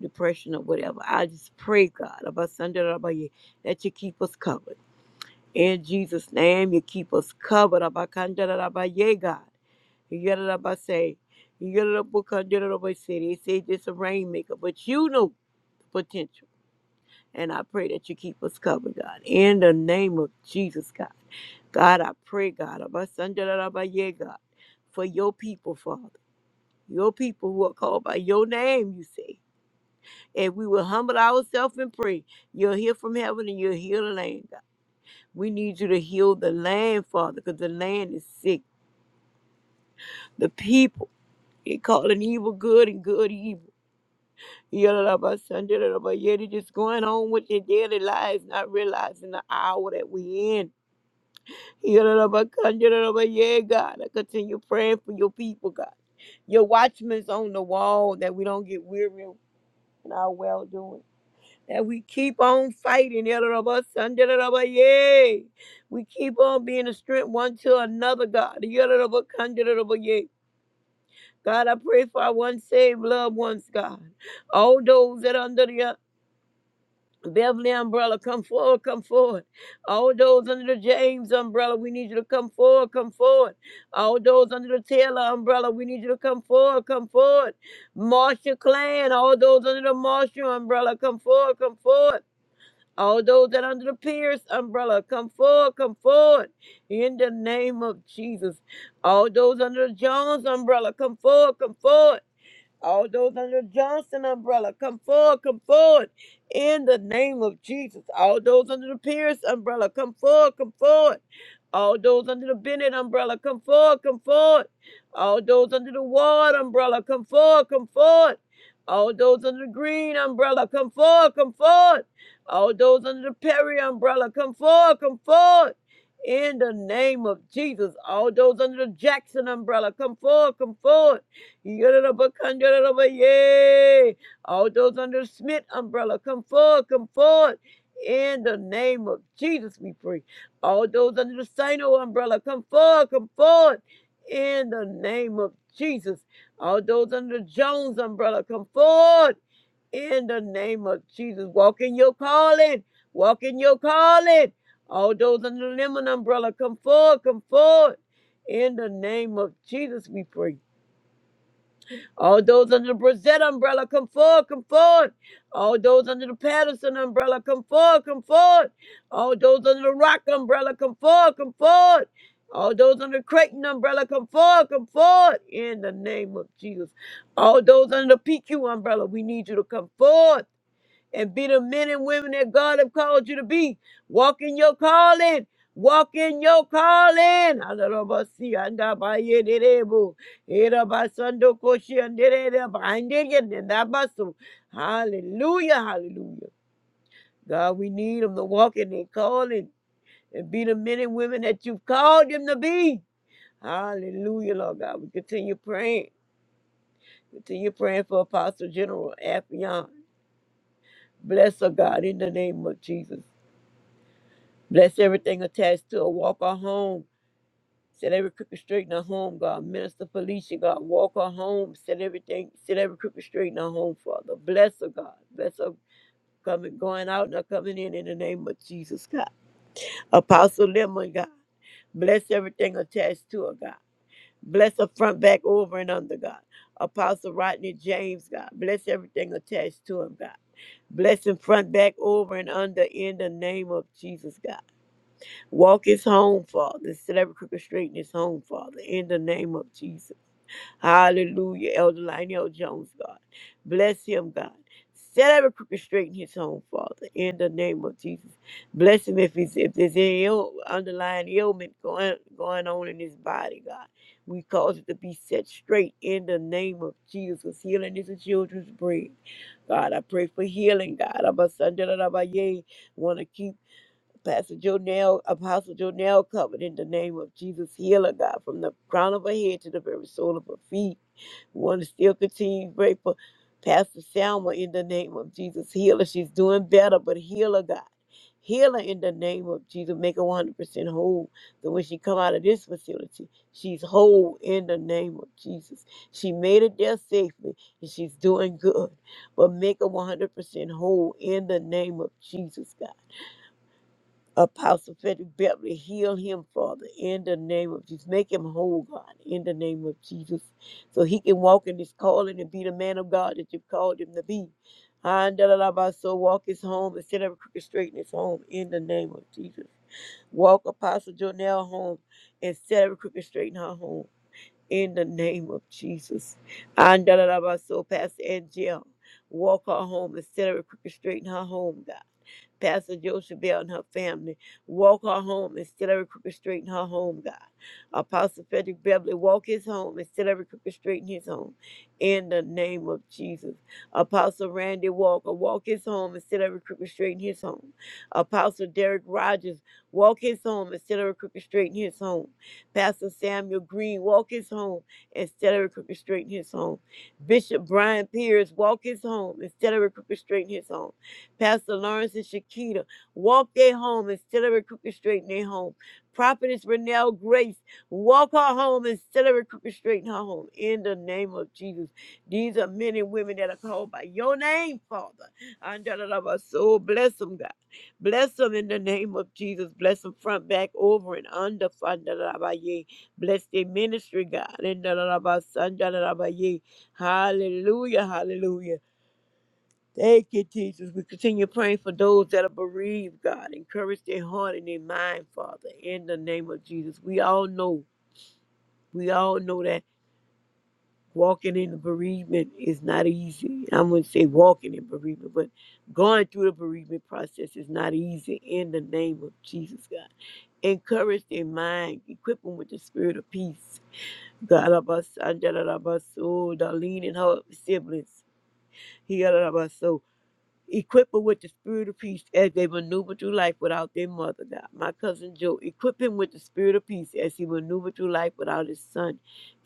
Speaker 3: depression or whatever. I just pray, God, about Sunday, about you, that you keep us covered. In Jesus' name, you keep us covered. About Kanda, about you, God. You got it about say, you got it about Kanda, about city. They say this a rainmaker, but you know the potential. And I pray that you keep us covered, God. In the name of Jesus, God. God, I pray, God, about Sunday, about you, God, for your people, Father. Your people who are called by your name, you say. If we will humble ourselves and pray, you'll hear from heaven and you'll heal the land, God. We need you to heal the land, Father, because the land is sick. The people, they calling evil good and good evil. Yalalaba sandalaba, Yet it is going on with their daily lives, not realizing the hour that we're in. Yalalaba kandalaba, Yeah, God, I continue praying for your people, God. Your watchmen's on the wall that we don't get weary in our well doing. that we keep on fighting. Yadadabasandidabaye. We keep on being a strength one to another, God. Yadadabakandidabaye. God, I pray for our one saved loved ones, God. All those that are under the uh, Beverly umbrella, come forward, come forward. All those under the James umbrella, we need you to come forward, come forward. All those under the Taylor umbrella, we need you to come forward, come forward. Marshall Clan, all those under the Marshall umbrella, come forward, come forward. All those that are under the Pierce umbrella, come forward, come forward in the name of Jesus. All those under the Jones umbrella, come forward, come forward all those under the Johnson umbrella, come forward, come forward in the name of Jesus. All those under the Pierce umbrella, come forward, come forward. All those under the Bennett umbrella, come forward, come forward. All those under the Ward umbrella, come forward, come forward. All those under the Green umbrella, come forward, come forward. All those under the Perry umbrella, come forward, come forward. In the name of Jesus, all those under the Jackson umbrella, come forward, come forward. Yay! All those under the Smith umbrella, come forward, come forward. In the name of Jesus, we pray. All those under the Sino umbrella, come forward, come forward. In the name of Jesus. All those under the Jones umbrella, come forward. In the name of Jesus. Walk in your calling. Walk in your calling. All those under the Lemon umbrella, come forward, come forward. In the name of Jesus, we pray. All those under the Brissette umbrella, come forward, come forward. All those under the Patterson umbrella, come forward, come forward. All those under the Rock umbrella, come forward, come forward. All those under the Creighton umbrella, come forward, come forward. In the name of Jesus. All those under the PQ umbrella, we need you to come forward and be the men and women that God have called you to be. Walk in your calling. Walk in your calling. Alabasi anda ba ye de de bo. Era ba sando koshi ande de de ba ande ye de da ba so. Hallelujah, hallelujah. God, we need them to walk in their calling and be the men and women that you've called them to be. Hallelujah, Lord God. We continue praying. Continue praying for Apostle General Affion. Bless her, God, in the name of Jesus. Bless everything attached to a walk our home. Set every crooked straight in our home, God. Minister Felicia, God. Walk our home. Set everything, set every crooked straight in our home, Father. Bless her, God. Bless her coming, going out and her coming in in the name of Jesus, God. Apostle Lemon, God. Bless everything attached to her, God. Bless her front, back, over, and under, God. Apostle Rodney James, God. Bless everything attached to him, God. Bless him front, back, over, and under in the name of Jesus, God. Walk his home, Father. Set every crooked straight in his home, Father. In the name of Jesus. Hallelujah. Elder Lionel Jones, God. Bless him, God. Set every crooked straight in his home, Father. In the name of Jesus. Bless him if he's if there's any Ill, underlying ailment going going on in his body, God. We cause it to be set straight in the name of Jesus. 'Cause Healing is a children's bread. God, I pray for healing, God. I'm a son, da, da, da, ba, yay. Want to keep Pastor Jonell, Apostle Jonell covered in the name of Jesus, heal her, God, from the crown of her head to the very sole of her feet. We want to still continue to pray for Pastor Selma in the name of Jesus. Heal her. She's doing better, but heal her, God. Heal her in the name of Jesus. Make her 100% whole. So when she come out of this facility, she's whole in the name of Jesus. She made it there safely, and she's doing good. But make her 100% whole in the name of Jesus, God. Apostle Frederick Beverly, heal him, Father, in the name of Jesus. Make him whole, God, in the name of Jesus, so he can walk in his calling and be the man of God that you've called him to be. so walk his home and set every crooked straight in his home, in the name of Jesus. Walk Apostle Jonell home and set every crooked straight in her home, in the name of Jesus. so Pastor Angel, walk her home and set every crooked straight in her home, God Pastor Joseph Bell and her family. Walk her home instead of every crooked straight in her home, God. Apostle Frederick Beverly, walk his home instead of every crooked straight in his home. In the name of Jesus. Apostle Randy Walker, walk his home instead of every crooked straight in his home. Apostle Derek Rogers, walk his home instead of every crooked straight in his home. Pastor Samuel Green, walk his home instead of every crooked straight in his home. Bishop Brian Pierce, walk his home instead of a crooked straight in his home. Pastor Lawrence and Shakita walk their home and instead of recuperstrating their home. Prophetess Renelle Grace walk her home and instead of recuperstrating her home. In the name of Jesus, these are men and women that are called by your name, Father. And da- da- da- ba- So bless them, God. Bless them in the name of Jesus. Bless them front, back, over, and under. Fa- da- da- da- ba- yea. Bless their ministry, God. In da- da- da- ba- son, da- da- da- ba- yea. Hallelujah, hallelujah. Thank you, Jesus. We continue praying for those that are bereaved, God. Encourage their heart and their mind, Father, in the name of Jesus. We all know, we all know that walking in the bereavement is not easy. I wouldn't say walking in bereavement, but going through the bereavement process is not easy in the name of Jesus, God. Encourage their mind, equip them with the spirit of peace. God, I bless- I love us, oh, Darlene and her siblings. He got it about so. Equip them with the spirit of peace as they maneuver through life without their mother, God. My cousin Joe, equip him with the spirit of peace as he maneuver through life without his son,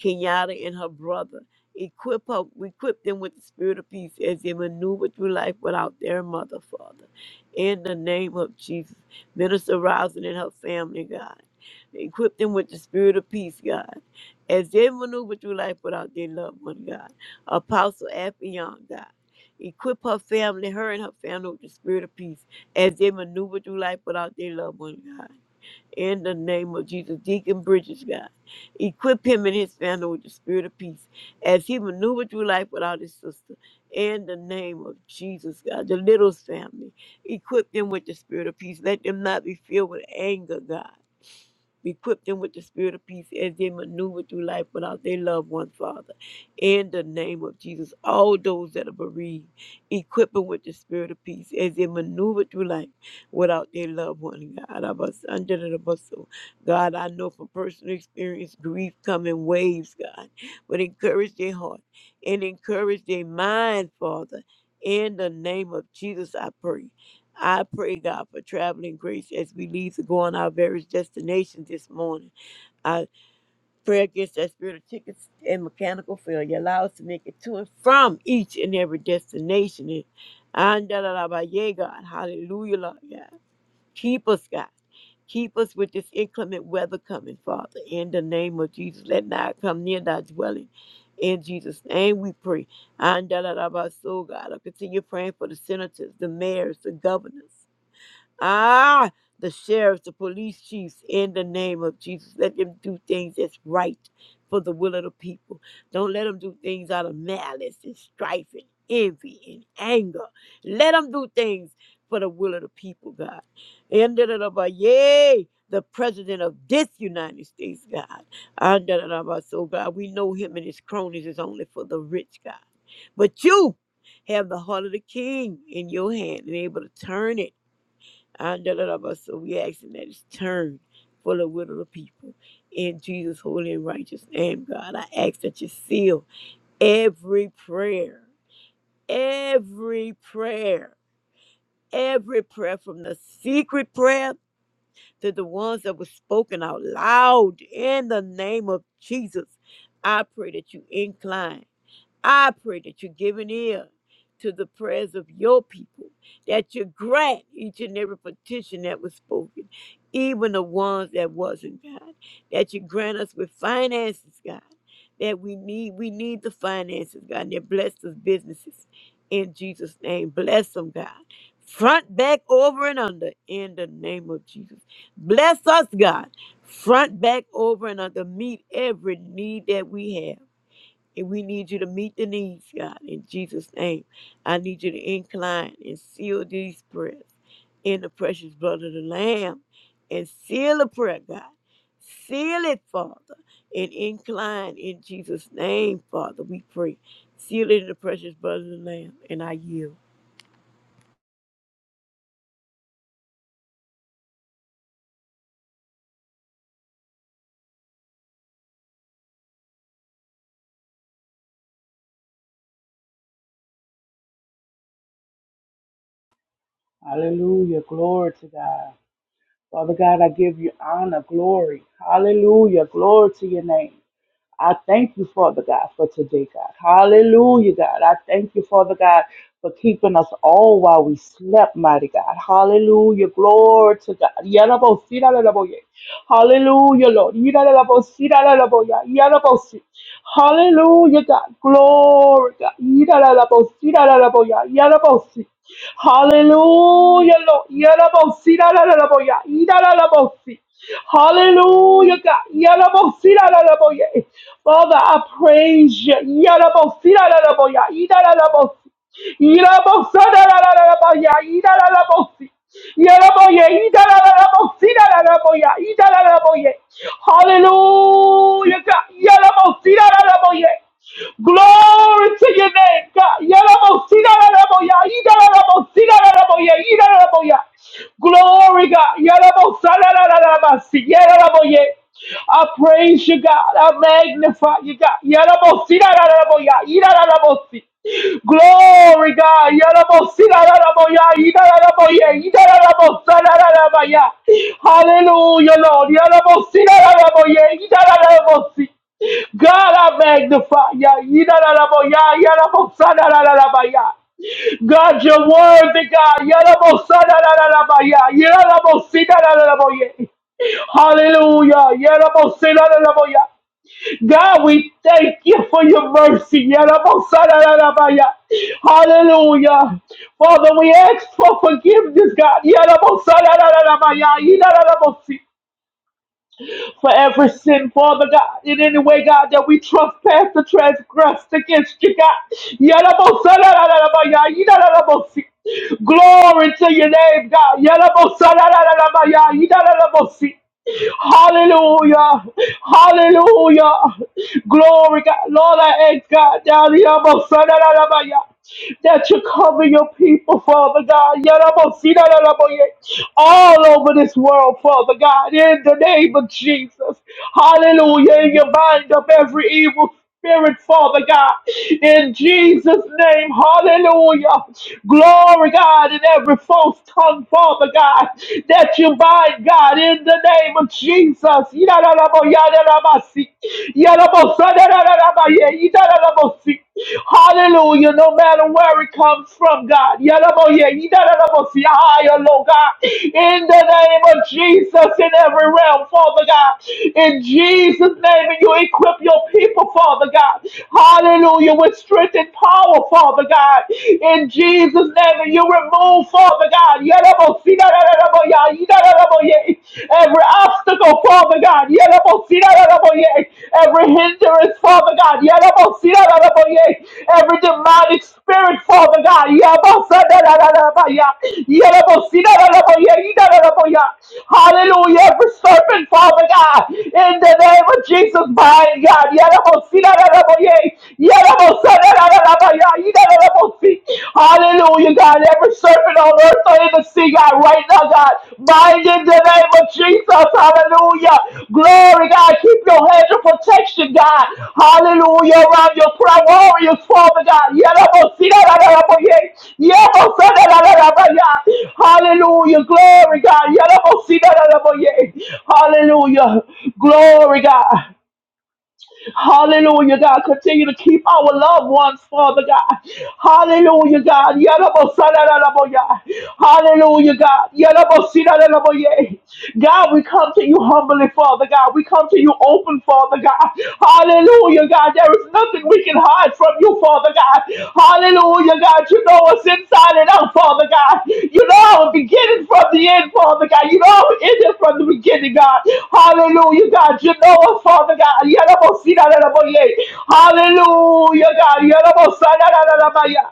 Speaker 3: Kenyatta and her brother. Equip her, equip them with the spirit of peace as they maneuver through life without their mother, Father. In the name of Jesus, Minister Rousing and her family, God. Equip them with the spirit of peace, God, as they maneuver through life without their loved one, God. Apostle Affion, God. Equip her family, her and her family with the spirit of peace as they maneuver through life without their loved one, God. In the name of Jesus, Deacon Bridges, God. Equip him and his family with the spirit of peace as he maneuvered through life without his sister. In the name of Jesus, God. The Littles family. Equip them with the spirit of peace. Let them not be filled with anger, God. Equip them with the spirit of peace as they maneuver through life without their loved ones, Father. In the name of Jesus, all those that are bereaved, equip them with the spirit of peace as they maneuver through life without their loved one. God, I was under the bus. So, God, I know from personal experience, grief come in waves, God, but encourage their heart and encourage their mind, Father. In the name of Jesus, I pray. I pray, God, for traveling grace as we leave to go on our various destinations this morning. I pray against that spirit of tickets and mechanical failure. Allow us to make it to and from each and every destination. And and da- da- da- ba- yeah, God, hallelujah, Lord God. Keep us, God. Keep us with this inclement weather coming, Father. In the name of Jesus, let not come near thy dwelling. In Jesus' name we pray. And da- da- da- ba- so, God, I continue praying for the senators, the mayors, the governors. Ah, the sheriffs, the police chiefs, in the name of Jesus, let them do things that's right for the will of the people. Don't let them do things out of malice and strife and envy and anger. Let them do things for the will of the people, God. And da- da- da- ba- Yay, the president of this United States, God. And da- da- da- ba- So, God, we know him and his cronies is only for the rich, God. But you have the heart of the king in your hand and able to turn it and da, da, da, but so we asking that it's turned for the will of the people. In Jesus' holy and righteous name, God, I ask that you seal every prayer, every prayer, every prayer from the secret prayer to the ones that were spoken out loud in the name of Jesus. I pray that you incline. I pray that you give an ear to the prayers of your people, that you grant each and every petition that was spoken, even the ones that wasn't, God. That you grant us with finances, God. That we need, we need the finances, God, and that bless those businesses in Jesus' name. Bless them, God. Front, back, over, and under in the name of Jesus. Bless us, God. Front, back, over, and under. Meet every need that we have and we need you to meet the needs, God, in Jesus' name. I need you to incline and seal these prayers in the precious blood of the Lamb and seal the prayer, God. Seal it, Father, and incline in Jesus' name, Father, we pray. Seal it in the precious blood of the Lamb, and I yield.
Speaker 4: Hallelujah. Glory to God. Father God, I give you honor, glory. Hallelujah. Glory to your name. I thank you, Father God, for today, God. Hallelujah, God. I thank you, Father God, for keeping us all while we slept, mighty God. Hallelujah. Glory to God. Yalabosiralalaboye. Hallelujah, Lord. Yiralalabosiralalaboya. Yalabosi. Hallelujah, God. Glory, God. Yiralalabosiralalaboya. Yalabosi. Hallelujah, Lord. Yalabosiralalaboya. Yiralalabosi. Hallelujah, God. Yalabosiralalaboye. Father, I praise you. Yarabosi-ra-ra-ra-bo-ya, ida-ra-ra-bosi. Yarabosa-ra-ra-ra-ra-ra-bo-ya, ida-ra-ra-bosi. Yaraboye, ida-ra-ra-ra-bosi-ra-ra-ra-bo-ya, ida-ra-ra-boye. Hallelujah, God. Yarabosi-ra-ra-ra-bo-ye. Glory to your name, God. Yarabosi-ra-ra-ra-bo-ya, ida-ra-ra-bosi-ra-ra-ra-bo-ya, ida-ra-ra-boya. Glory, God. Yarabosa-ra-ra-ra-ra-basi, yaraboye. I praise you, God. I magnify you, God. Yarabosi, yararaboya, yararabosi. Glory, God. Yarabosi, yararaboya, yararaboya, yararabosa, yararabaya. Hallelujah, Lord. Yarabosi, yararaboya, yararabosi. God, I magnify ya. Yidadadabo ya, yadabo sadadadadaba ya. God, you're worthy, God. Yadabo sadadadadaba ya, yadabo sidadadadabo ya. Hallelujah. Yadabo sidadadabo ya. God, we thank you for your mercy. Yadabo sadadadaba ya. Hallelujah. Father, we ask for forgiveness, God. Yadabo sadadadadaba ya, yidadadabo si for every sin, Father God, in any way, God, that we trespass or transgress against you, God. Yalabosalalalabayah, yidalalabosi. Glory to your name, God. Yalabosalalalabayah, yidalalabosi. Hallelujah. Hallelujah. Glory, God. Lord, I ask God down here. Yalabosalalalabayah that you cover your people, Father God. Yarabosiraraboye, All over this world, Father God, in the name of Jesus. Hallelujah. You bind up every evil spirit, Father God, in Jesus' name. Hallelujah. Glory, God, in every false tongue, Father God, that you bind, God, in the name of Jesus. Yarabosirarabasi, Yarabosadarabaye, Yarabosirarabosi. Hallelujah. No matter where it comes from, God. Yalaboye, yidalabosi, higher, Lord God. In the name of Jesus, in every realm, Father God. In Jesus' name, and you equip your people, Father God. Hallelujah. With strength and power, Father God. In Jesus' name, and you remove, Father God. Yalabosi, yidalaboya, yidalaboye, Every obstacle, Father God. Yelabosiraraboye. Every hindrance, Father God. Yelabosiraraboye. Every demonic spirit, Father God. Yabosadadadadabaya. Yelabosiraraboye. Yidadadaboya. Hallelujah. Every serpent, Father God. In the name of Jesus, bind God. Yelabosiraraboye. Yelabosadadadadabaya. Yidadadabosi. Hallelujah, God. Every serpent on earth or in the sea, God, right now, God. Bind in the name of Jesus. Hallelujah. Glory, God. Keep your hedge of protection, God. Hallelujah. Around your prayer warriors, Father God. Yadabosirararaboye. Yabosarararabaya. Hallelujah. Glory, God. Yadabosirararaboye. Hallelujah. Glory, God. Hallelujah, God. Continue to keep our loved ones, Father God. Hallelujah, God. Yarabosadaraboya. Hallelujah, God. Yarabosidaraboye. God, we come to you humbly, Father God. We come to you open, Father God. Hallelujah, God. There is nothing we can hide from you, Father God. Hallelujah, God. You know us inside and out, Father God. You know our beginning from the end, Father God. You know our ending from the beginning, God. Hallelujah, God. You know us, Father God. Yarabosirararaboye. Hallelujah, God. Yarabosanarararabaya.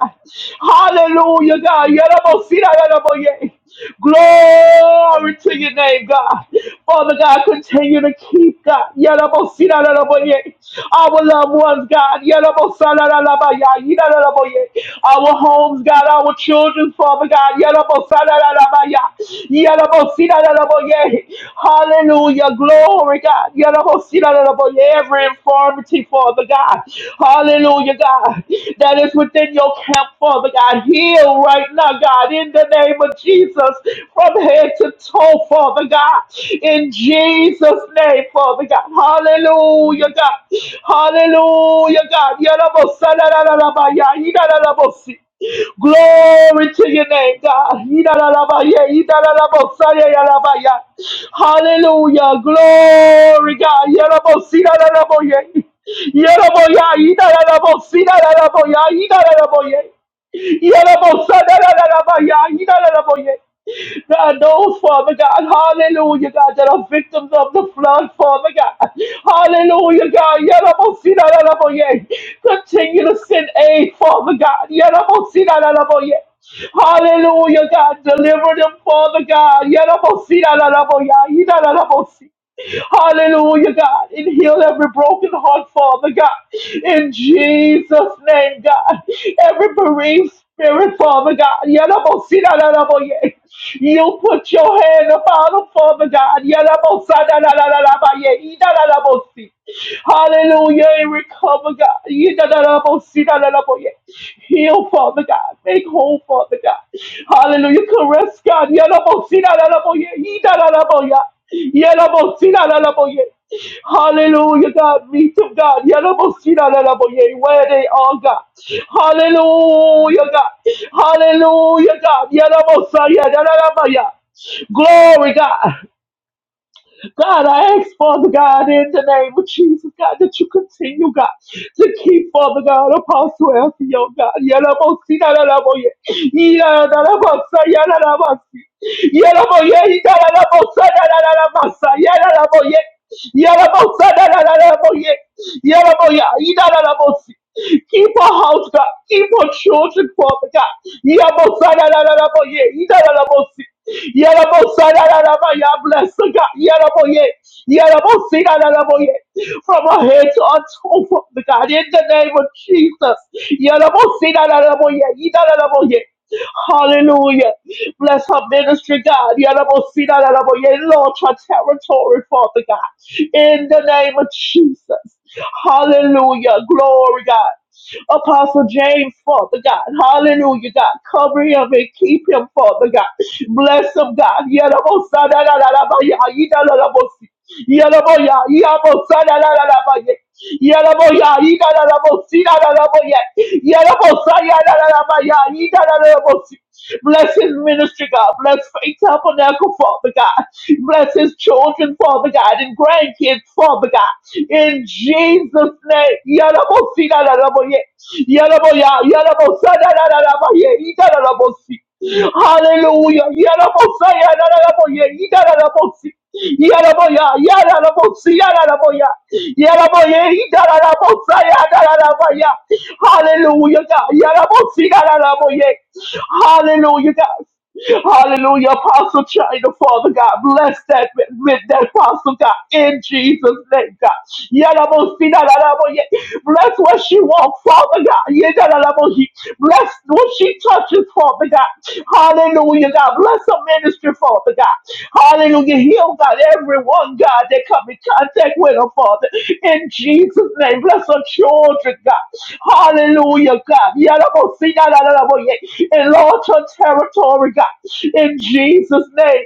Speaker 4: Hallelujah, God. Yarabosirararaboye. Glory to your name, God. Father God, continue to keep God. Yarabosirararaboye. Our loved ones, God. Yarabosanarararabaya. Yirararaboye. Our homes, God. Our children, Father God. Yarabosarararabaya. Yalabosidalaboye. Hallelujah. Glory, God. Yalabosidalaboye. Every infirmity, Father God. Hallelujah, God. That is within your camp, Father God. Heal right now, God, in the name of Jesus, from head to toe, Father God. In Jesus' name, Father God. Hallelujah, God. Hallelujah, God. Yalabosadalaboye. Glory to your name, God. Yidadadabaya, yidadadabosaya, yadabaya. Hallelujah. Glory, God. Yadabosidadadaboye. Yadaboya, yidadadabosidadadaboya, yidadadaboye. Yadabosadadadabaya, yidadadaboye. God, those, Father God, hallelujah, God, that are victims of the flood, Father God. Hallelujah, God. Yarabosina, yaraboye. Continue to send aid, Father God. Yarabosina, yaraboye. Hallelujah, God. Deliver them, Father God. Yarabosina, yaraboye. Yarabosina. Hallelujah, God. And heal every broken heart, Father God. In Jesus' name, God. Every bereaved spirit, Father God. Yadabosidadadaboye. You put your hand upon them, Father God. Yadabosadadadadabaye. Idadadabosi. Hallelujah. And recover, God. Yidadadabosidadadaboye. Heal, Father God. Make whole, Father God. Hallelujah. Caress, God. Yadabosidadadaboye. Idadadaboye. Yelabosinalalaboye. Hallelujah, God. Meet them, God. Yelabosinalalaboye. Where they are, God. Hallelujah, God. Hallelujah, God. Yelabosayadalalabaya. Glory, God. God, I ask, Father God, in the name of Jesus, God, that you continue, God, to keep, Father God, Apostle Elfio, God. Yalabosi, yalalaboye. Yalalabasa, yalalabasi. Yalaboye, yalalabosa, yalalabasa, yalalaboye. Yalabosa, yalalaboye. Yalaboya, yalalabosi. Keep our house, God. Keep our children, Father God. Yabosa, yalalaboye. Yalalabosi. Yarabo sarararaba, ya bless the God. Yarabo ye. Yarabo sirararabo ye. From our head to our toe, Father God, in the name of Jesus. Yarabo sirararabo ye. Yarararabo ye. Hallelujah. Bless her ministry, God. Yarabo sirararabo ye. Lord, her territory, Father God. In the name of Jesus. Hallelujah. Glory, God. Apostle James, Father God. Hallelujah, God. Cover him and keep him, Father God. Bless him, God. Yadabosadadadadabaya, yidalalabosi. Yadaboya, yabosadadadadabaya. Yadaboya, yidalalabosidadadaboya. Yadabosayadadadabaya, yidalalabosi. Bless his ministry, God. Bless Faith Tabernacle, Father God. Bless his children, Father God, and grandkids, Father God. In Jesus' name. Yarabosirararaboye. Yaraboya, yarabosarararaboye. Igararabosi. Hallelujah. Yarabosayararaboye. Igararabosi. Yaraboya, yararabosi, yararaboya. Yaraboye, igararabosayararaboya. Hallelujah, God. Yarabosirararaboye. Hallelujah, God. Hallelujah, Apostle China, Father God, bless that with that Apostle God in Jesus' name, God. Yadabosinadarabo, ye- Bless what she wants, Father God. Yadadadabo, he- Bless what she touches, Father God. Hallelujah, God. Bless of ministry, Father God. Hallelujah. Heal, God, everyone, God, that come in contact with her, Father. In Jesus' name, bless her children, God. Hallelujah, God. Yalabo, see, yalabo, yeah. Enlarge her territory, God. In Jesus' name.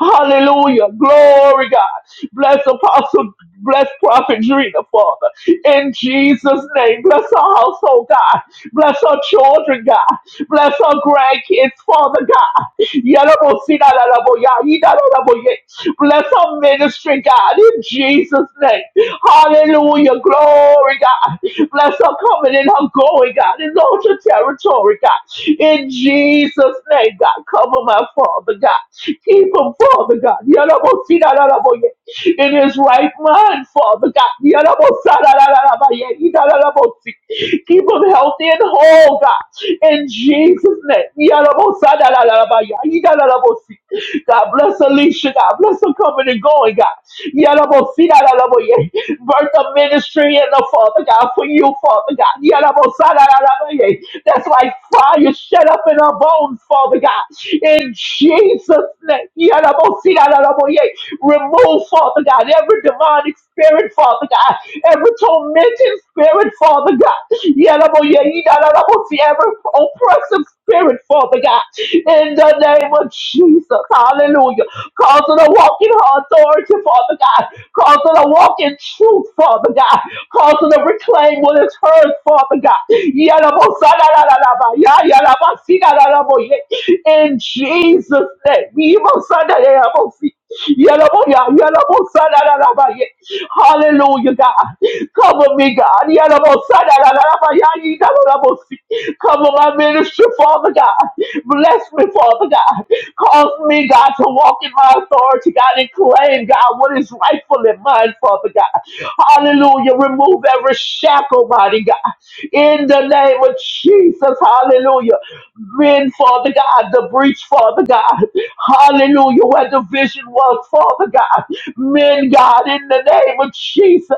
Speaker 4: Hallelujah. Glory, God. Bless Apostle. Bless Prophet Drina, Father. In Jesus' name. Bless our household, God. Bless our children, God. Bless our grandkids, Father God. Yadabosina, yadabo, ya, yidadabo, ye. Bless our ministry, God. In Jesus' name. Hallelujah. Glory, God. Bless her coming and her going, God. Enlarge her territory, God. In Jesus' name, God. Cover my father, God. Keep him, Father, God. Yalabosidalalaboye. In his right mind, Father, God. Yalabosadalalabaye. Idalalabosi. Keep him healthy and whole, God. In Jesus' name. Yalabosadalalabaye. Idalalabosi. God bless Alicia, God bless her coming and going, God. Yalabosidalalaboye birth of ministry in the Father God for you, Father God. Yadabosarayarabaye. That's like fire shut up in our bones, Father God. In Jesus' name. Yadabosirayarabaye. Remove, Father God, every demonic spirit, Father God, every tormenting spirit, Father God, Yalaboyeyidalalaboti, every oppressive spirit, Father God, in the name of Jesus, hallelujah. Cause her to walk in her authority, Father God, cause her to walk in truth, Father God, cause her to reclaim what is hers, Father God. Yalabosadalalalaba, ya- yalabasidalalaboye. In Jesus' name, we Yalaboya, yalabosadadadabaye. Hallelujah, God. Cover me, God. Yalabosadadadabaya, yidalabosi. Cover my ministry, Father God. Bless me, Father God. Cause me, God, to walk in my authority, God, and claim, God, what is rightfully mine, Father God. Hallelujah. Remove every shackle, mighty God. In the name of Jesus, hallelujah. Men, Father God, the breach, Father God. Hallelujah, where the vision was, Father God. Men, God, in the name of Jesus.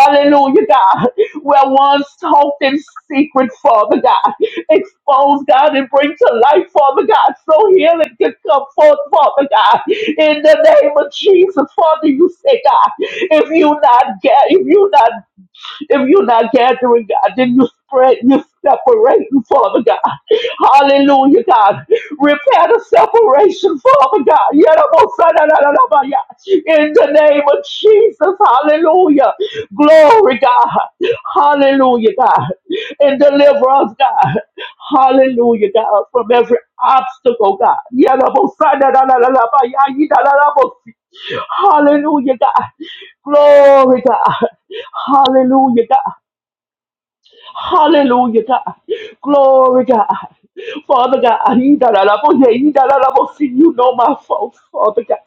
Speaker 4: Hallelujah, God, where once talked in secret, Father God. Expose, God, and bring to light, Father God, so healing can come forth, Father God. In the name of Jesus, Father, you say, God, if you not get, if you not if you're not gathering, God, then you spread, you separate, Father God. Hallelujah, God. Repair the separation, Father God. Yadabosana-na-na-na-ba-ya. In the name of Jesus, hallelujah. Glory, God. Hallelujah, God. And deliver us, God. Hallelujah, God, from every obstacle, God. Yadabosana-na-na-na-na-ba-ya. Yidalalabosi. Hallelujah, God. Glory, God. Hallelujah, God. Hallelujah, God. Glory, God. Father God, I need yeah, Idarabo, see, you I need that I love you. You know my faults, Father God.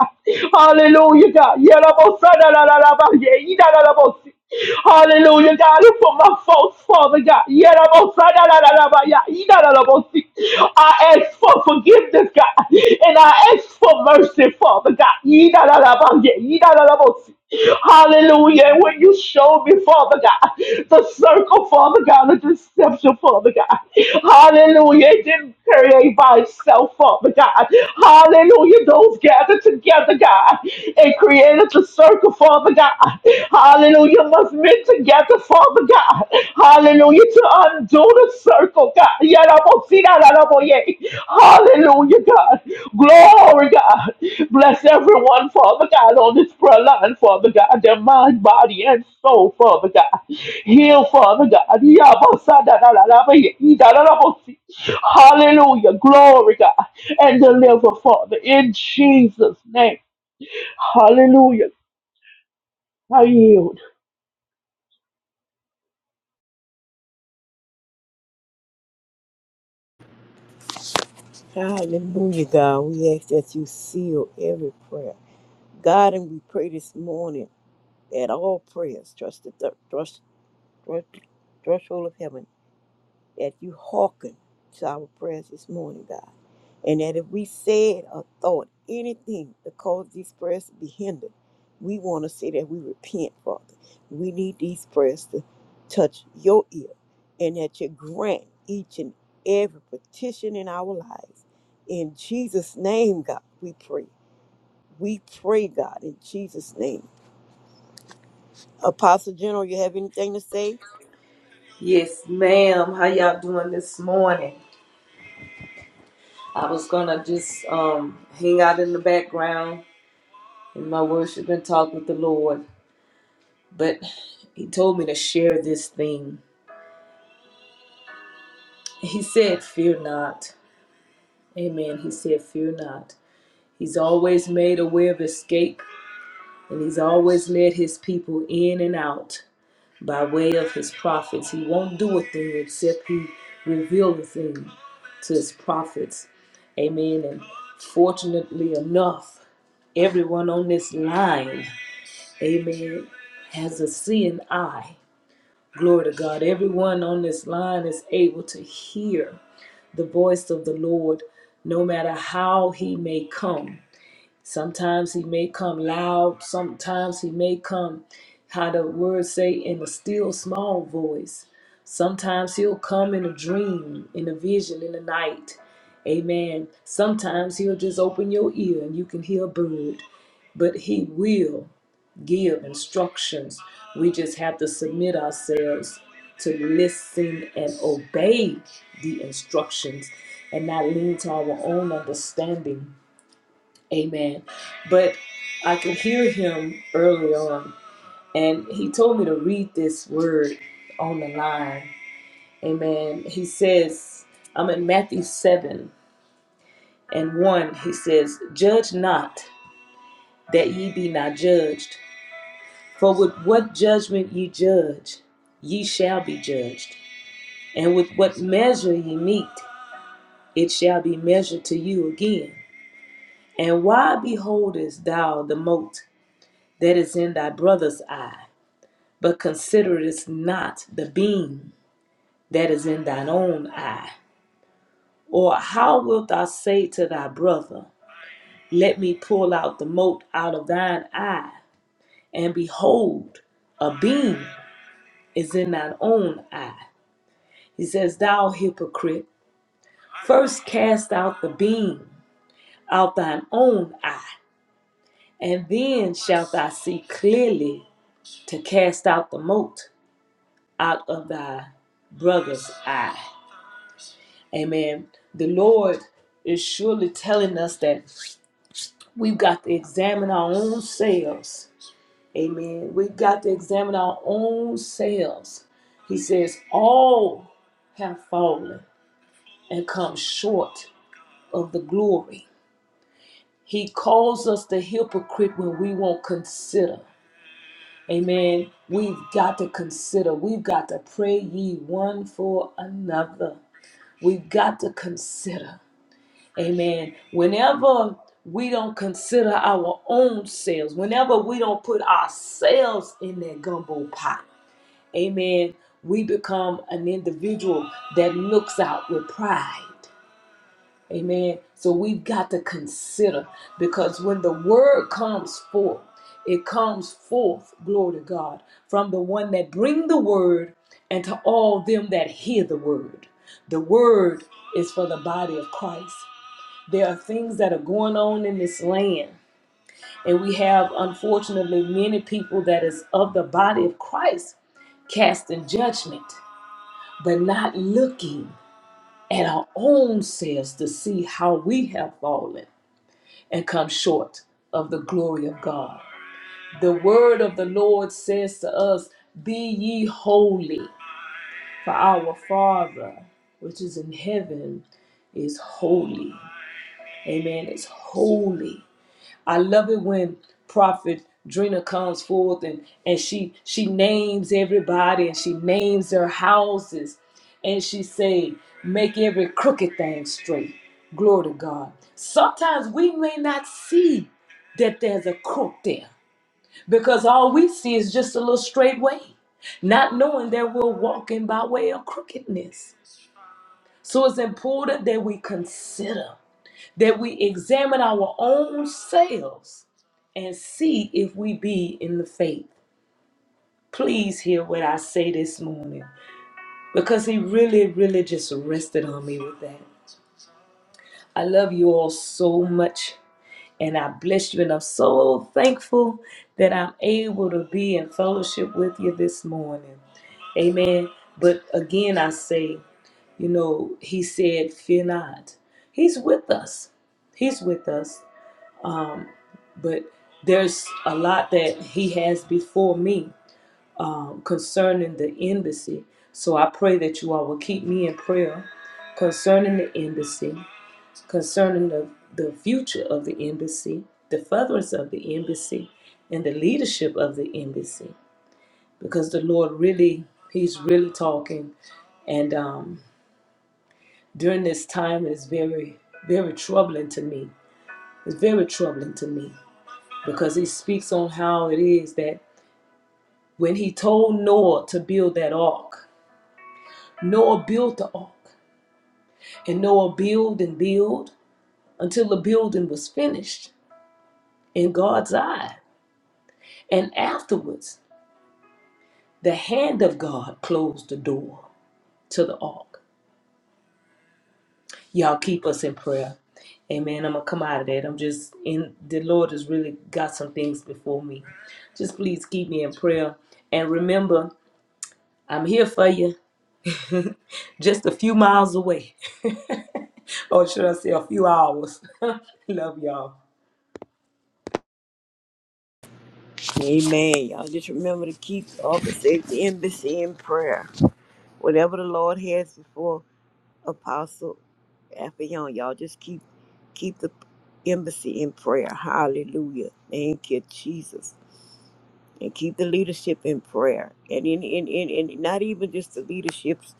Speaker 4: Hallelujah, God. You're love you. I love you. I need Sadarabo, yeah, Idarabo, you. Hallelujah, God, and for my faults, Father God. Yarabo, Sadarabo, yeah, Idarabo, see. I love you. I need that I love you. I ask for forgiveness, God, and I ask for mercy, Father God. Yeah, I love Idarabo, yeah, Idarabo, you. Hallelujah. And When you show me, Father God, the circle, Father God, the deception, Father God. Hallelujah. Hallelujah. It didn't create by itself up, but God. Hallelujah. Those gathered together, God, and created the circle, Father God. Hallelujah. Must meet together, Father God. Hallelujah. To undo the circle, God. Yarabosirararaboye. Hallelujah, God. Glory, God. Bless everyone, Father God, on this prayer line, Father God, their mind, body, and soul, Father God. Heal, Father God. Yabosadaraboye. Hallelujah. Glory, God. And deliver, Father, in Jesus' name. Hallelujah. I yield.
Speaker 3: Hallelujah, God. We ask that you seal every prayer. God, and we pray this morning that all prayers trust the thr- thrust, thrust, threshold of heaven that you hearken to our prayers this morning, God. And that if we said or thought anything to cause these prayers to be hindered, we want to say that we repent, Father. We need these prayers to touch your ear and that you grant each and every petition in our lives. In Jesus' name, God, we pray. We pray, God, in Jesus' name. Apostle General, you have anything to say?
Speaker 1: Yes, ma'am. How y'all doing this morning? I was gonna just um hang out in the background in my worship and talk with the Lord, but he told me to share this thing. He said, Fear not. Amen. He said, Fear not. He's always made a way of escape, and he's always led his people in and out by way of his prophets. He won't do a thing except he reveal a thing to his prophets. Amen. And fortunately enough, everyone on this line, amen, has a seeing eye. Glory to God. Everyone on this line is able to hear the voice of the Lord no matter how he may come. Sometimes he may come loud, sometimes he may come, how the words say, in a still small voice. Sometimes he'll come in a dream, in a vision, in the night. Amen. Sometimes he'll just open your ear and you can hear a bird, but he will give instructions. We just have to submit ourselves to listen and obey the instructions and not lean to our own understanding Amen. But I could hear him early on, and he told me to read this word on the line. Amen. He says, I'm in Matthew 7 and 1. He says, Judge not that ye be not judged. For with what judgment ye judge, ye shall be judged. And with what measure ye meet, it shall be measured to you again. And why beholdest thou the mote that is in thy brother's eye? But consider this not the beam that is in thine own eye. Or how wilt thou say to thy brother, Let me pull out the mote out of thine eye? And behold, a beam is in thine own eye. He says, Thou hypocrite, first cast out the beam out thine own eye, and then shalt thou see clearly to cast out the mote out of thy brother's eye. Amen. The Lord is surely telling us that we've got to examine our own selves. Amen. We've got to examine our own selves. He says, All have fallen and come short of the glory. He calls us the hypocrite when we won't consider. Amen. We've got to consider. We've got to pray ye one for another. We've got to consider. Amen. Whenever we don't consider our own selves, whenever we don't put ourselves in that gumbo pot, amen, we become an individual that looks out with pride. Amen. So we've got to consider because when the word comes forth, it comes forth, glory to God, from the one that bring the word and to all them that hear the word. The word is for the body of Christ. There are things that are going on in this land. And we have, unfortunately, many people that is of the body of Christ casting judgment, but not looking at our own selves to see how we have fallen and come short of the glory of God. The word of the Lord says to us, Be ye holy, for our Father, which is in heaven, is holy. Amen. It's holy. I love it when Prophet Drina comes forth and, and she she names everybody and she names their houses and she say, make every crooked thing straight. Glory to God. Sometimes we may not see that there's a crook there because all we see is just a little straight way, not knowing that we're walking by way of crookedness. So it's important that we consider that we examine our own selves and see if we be in the faith. Please hear what I say this morning because he really, really just rested on me with that. I love you all so much and I bless you, and I'm so thankful that I'm able to be in fellowship with you this morning. Amen. But again, I say, you know, he said, Fear not. He's with us. He's with us. but there's a lot that he has before me um, concerning the embassy. So I pray that you all will keep me in prayer concerning the embassy, concerning the, the future of the embassy, the furtherance of the embassy, and the leadership of the embassy. Because the Lord really, He's really talking. And um, during this time, it's very, very troubling to me. It's very troubling to me because He speaks on how it is that when he told Noah to build that ark. Noah built the ark, and Noah built and built until the building was finished in God's eye. And afterwards, the hand of God closed the door to the ark. Y'all keep us in prayer. Amen. I'm gonna come out of that. I'm just in the Lord has really got some things before me. Just please keep me in prayer. And remember, I'm here for you, just a few miles away. or should I say a few hours. [laughs] Love y'all.
Speaker 3: Amen. Y'all just remember to keep all the safety embassy in prayer. Whatever the Lord has before Apostle Affion, y'all just keep keep the embassy in prayer. Hallelujah. Thank you, Jesus. And keep the leadership in prayer. And in in, in, in not even just the leaderships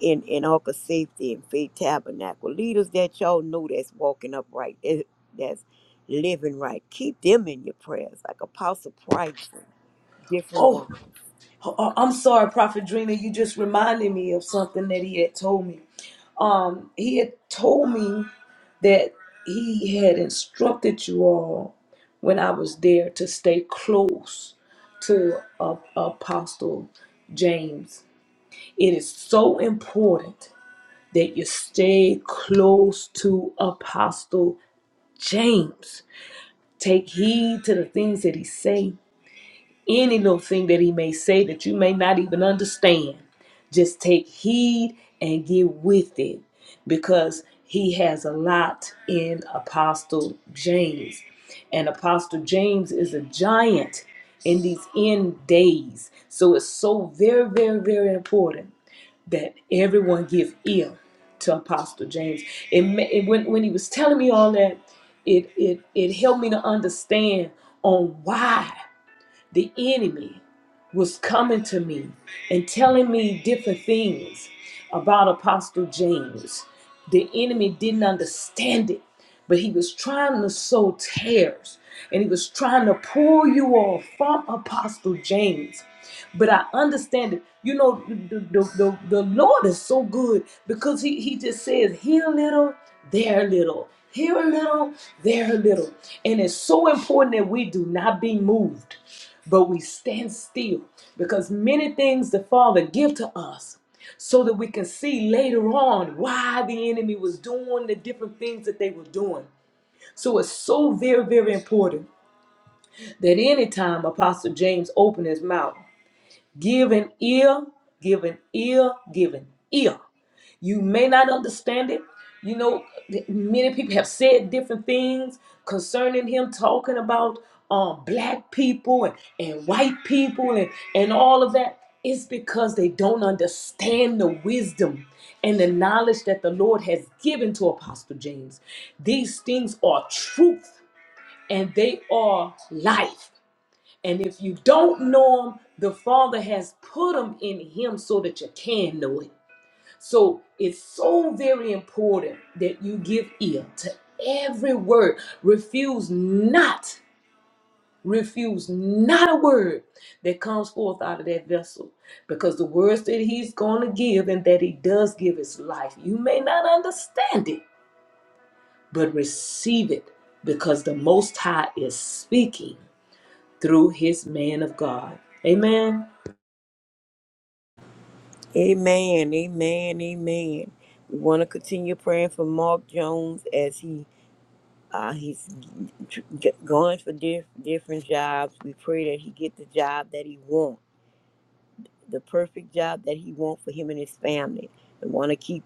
Speaker 3: in, in Ark of Safety and Faith Tabernacle. Leaders that y'all know that's walking upright, that, that's living right. Keep them in your prayers, like Apostle Price and different
Speaker 1: Oh,
Speaker 3: ones.
Speaker 1: uh, I'm sorry, Prophet Drina. You just reminded me of something that he had told me. Um, he had told me that he had instructed you all when I was there to stay close to uh, Apostle James. It is so important that you stay close to Apostle James. Take heed to the things that he say any little thing that he may say that you may not even understand. Just take heed and get with it because he has a lot in Apostle James. And Apostle James is a giant in these end days. So it's so very, very, very important that everyone give ear to Apostle James. It, ma- it when, when he was telling me all that, it, it, it helped me to understand on why the enemy was coming to me and telling me different things about Apostle James. The enemy didn't understand it, but he was trying to sow tares and he was trying to pull you off from Apostle James. But I understand it. You know, the, the, the, the Lord is so good because he, he just says, here a little, there a little, here a little, there a little. And it's so important that we do not be moved, but we stand still because many things the Father give to us so that we can see later on why the enemy was doing the different things that they were doing. So it's so very, very important that anytime Apostle James opened his mouth, Give an ear, give an ear, give an ear. You may not understand it. You know, th- many people have said different things concerning him, talking about um, black people and, and white people and, and all of that. It's because they don't understand the wisdom and the knowledge that the Lord has given to Apostle James. These things are truth and they are life. And if you don't know him, the Father has put him in him so that you can know it. So it's so very important that you give ear to every word. Refuse not, refuse not a word that comes forth out of that vessel because the words that he's going to give and that he does give is life. You may not understand it, but receive it because the Most High is speaking through his man of God. Amen.
Speaker 3: Amen, amen, amen. We want to continue praying for Mark Jones as he uh, he's g- g- going for diff- different jobs. We pray that he get the job that he wants, the perfect job that he wants for him and his family. We want to keep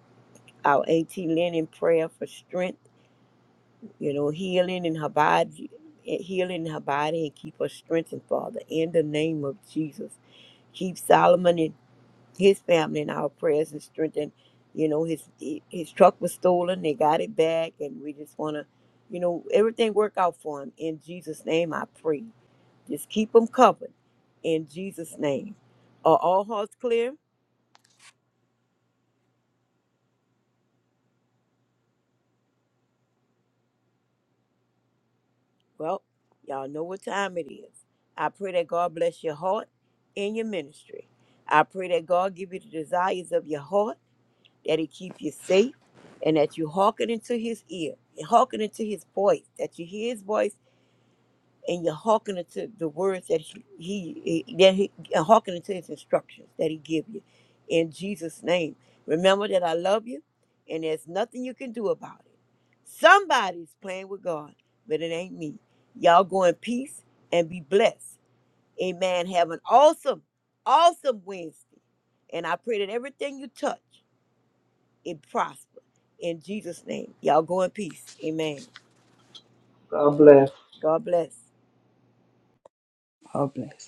Speaker 3: our AT Lynn in prayer for strength, you know, healing in her body, eh, healing in her body, and keep her strengthened, Father, in the name of Jesus. Keep Solomon. his family in our prayers and strengthen, you know, his his truck was stolen. They got it back, and we just want to, you know, everything work out for him. In Jesus' name, I pray. Just keep him covered. In Jesus' name, are all hearts clear? Well, y'all know what time it is. I pray that God bless your heart and your ministry. I pray that God give you the desires of your heart, that He keep you safe, and that you hearken into His ear, hearken into His voice, that you hear His voice and you're hearkening to the words that he, he eh, that he you hearkening to his instructions that he give you in jesus name remember that i love you and there's nothing you can do about it somebody's playing with god but it ain't me y'all go in peace and be blessed amen have an awesome awesome wednesday and i pray that everything you touch it prosper in jesus name y'all go in peace amen
Speaker 4: God bless.
Speaker 3: god bless
Speaker 2: God bless.